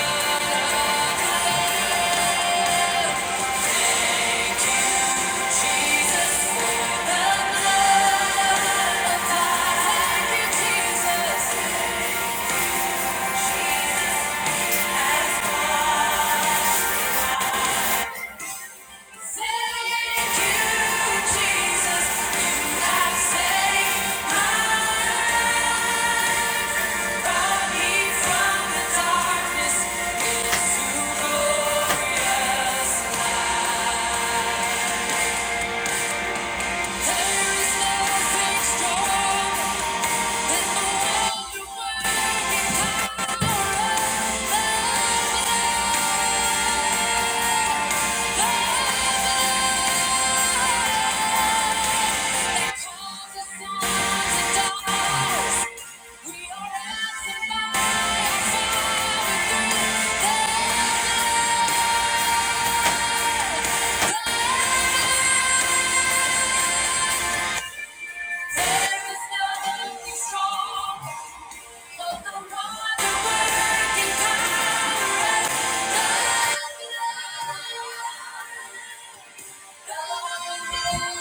Speaker 1: you. Thank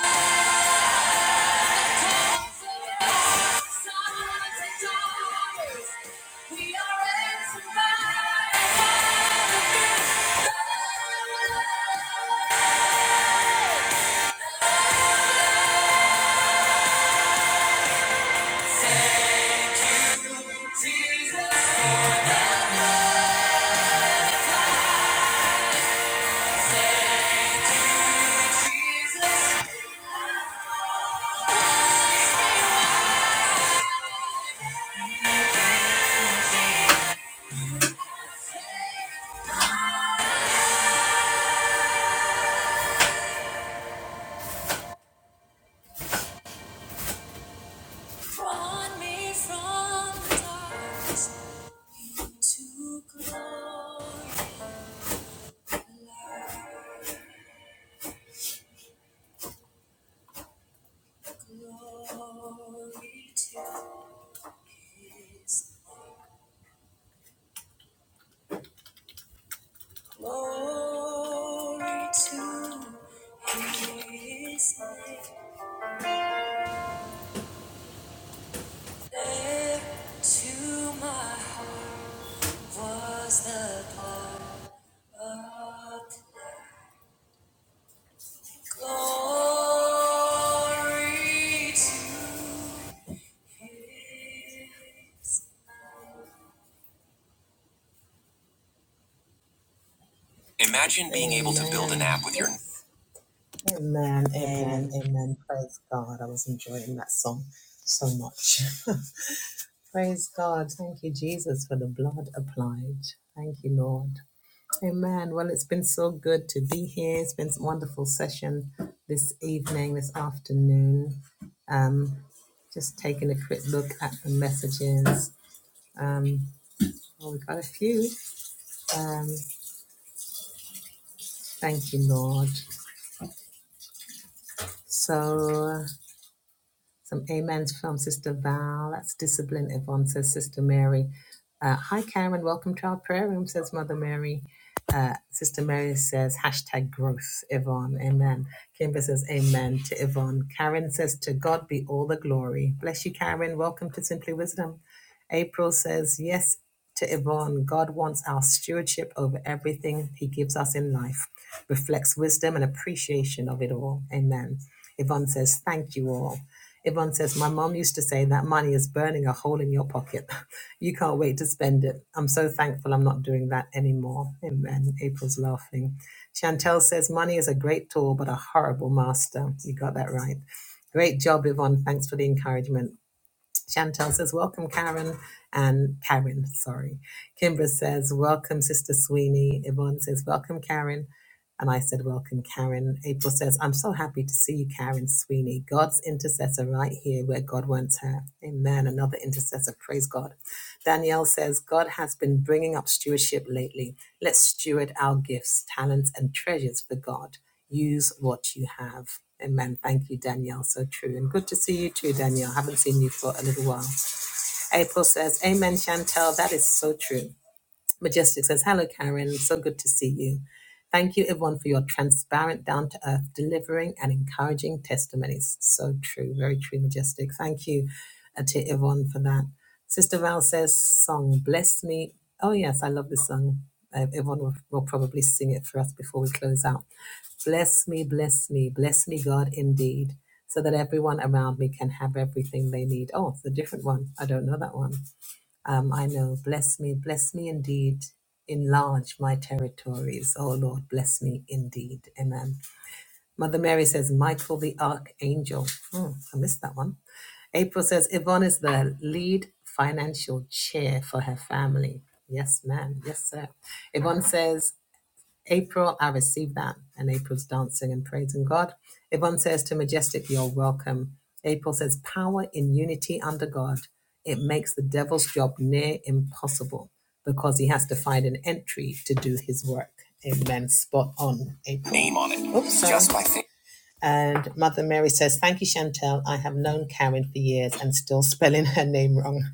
Speaker 1: you. Glory to His name. Glory to his name. There to my heart was the blood. Glory to his Imagine being able to build an app with your. Amen,
Speaker 9: Yes.
Speaker 1: amen, amen. Praise God. I was enjoying that song so much. <laughs> Praise God. Thank you, Jesus, for the blood applied. Thank you, Lord. Amen. Well, it's been so good to be here. It's been a wonderful session this evening, this afternoon. Um, just taking a quick look at the messages. Um, oh, we got a few. Um, thank you, Lord. So Some amens from Sister Val. That's discipline. Yvonne says Sister Mary. Uh, Hi, Karen. Welcome to our prayer room, says Mother Mary. Uh, Sister Mary says hashtag growth, Yvonne. Amen. Kimber says amen to Yvonne. Karen says to God be all the glory. Bless you, Karen. Welcome to Simply Wisdom. April says yes to Yvonne. God wants our stewardship over everything He gives us in life. Reflects wisdom and appreciation of it all. Amen. Yvonne says, Thank you all. Yvonne says, My mom used to say that money is burning a hole in your pocket. <laughs> You can't wait to spend it. I'm so thankful I'm not doing that anymore. Amen. April's laughing. Chantel says, Money is a great tool, but a horrible master. You got that right. Great job, Yvonne. Thanks for the encouragement. Chantel says, Welcome, Karen. And Karen, sorry. Kimbra says, Welcome, Sister Sweeney. Yvonne says, Welcome, Karen. And I said, Welcome, Karen. April says, I'm so happy to see you, Karen Sweeney. God's intercessor right here where God wants her. Amen. Another intercessor. Praise God. Danielle says, God has been bringing up stewardship lately. Let's steward our gifts, talents, and treasures for God. Use what you have. Amen. Thank you, Danielle. So true. And good to see you too, Danielle. Haven't seen you for a little while. April says, Amen, Chantel. That is so true. Majestic says, Hello, Karen. So good to see you. Thank you, everyone, for your transparent, down to earth, delivering, and encouraging testimonies. So true, very true, Majestic. Thank you uh, to everyone for that. Sister Val says, Song, bless me. Oh, yes, I love this song. Uh, everyone will, will probably sing it for us before we close out. Bless me, bless me, bless me, God, indeed, so that everyone around me can have everything they need. Oh, it's a different one. I don't know that one. Um, I know, bless me, bless me indeed. Enlarge my territories. Oh Lord, bless me indeed. Amen. Mother Mary says, Michael the Archangel. Hmm, I missed that one. April says, Yvonne is the lead financial chair for her family. Yes, ma'am. Yes, sir. Yvonne says, April, I receive that. And April's dancing and praising God. Yvonne says to Majestic, You're welcome. April says, Power in unity under God. It makes the devil's job near impossible because he has to find an entry to do his work. Amen. Spot on, April. Name on it. Oops, sorry. Just my thing. And Mother Mary says, Thank you, Chantel. I have known Karen for years and still spelling her name wrong. <laughs>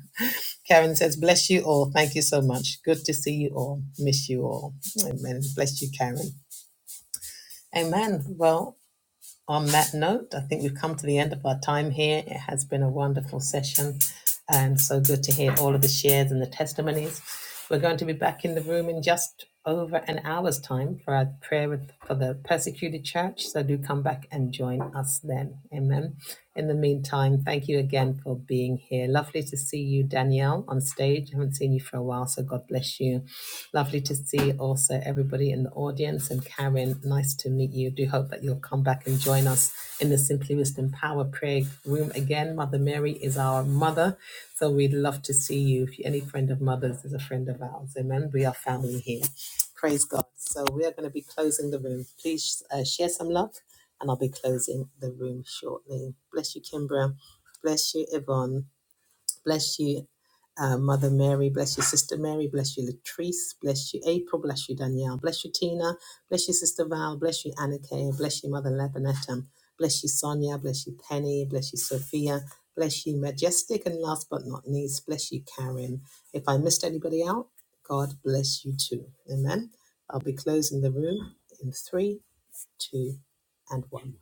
Speaker 1: Karen says, Bless you all. Thank you so much. Good to see you all. Miss you all. Amen. Bless you, Karen. Amen. Well, on that note, I think we've come to the end of our time here. It has been a wonderful session and so good to hear all of the shares and the testimonies. We're going to be back in the room in just over an hour's time for our prayer with- for the persecuted church. So do come back and join us then. Amen. In the meantime, thank you again for being here. Lovely to see you, Danielle, on stage. I haven't seen you for a while, so God bless you Lovely to see also everybody in the audience. And Karen, nice to meet you. Do hope that you'll come back and join us in the Simply Wisdom Power Prayer Room again. Mother Mary is our mother. So we'd love to see you. If any friend of mother's is a friend of ours, amen. We are family here. Praise God. So we are going to be closing the room. Please uh, share some love, and I'll be closing the room shortly. Bless you, Kimbra. Bless you, Yvonne. Bless you, uh, Mother Mary. Bless you, Sister Mary. Bless you, Latrice. Bless you, April. Bless you, Danielle. Bless you, Tina. Bless you, Sister Val. Bless you, Annika. Bless you, Mother Lebanetta. Bless you, Sonia. Bless you, Penny. Bless you, Sophia. Bless you, Majestic. And last but not least, bless you, Karen. If I missed anybody out, God bless you too. Amen. I'll be closing the room in three, two, and one.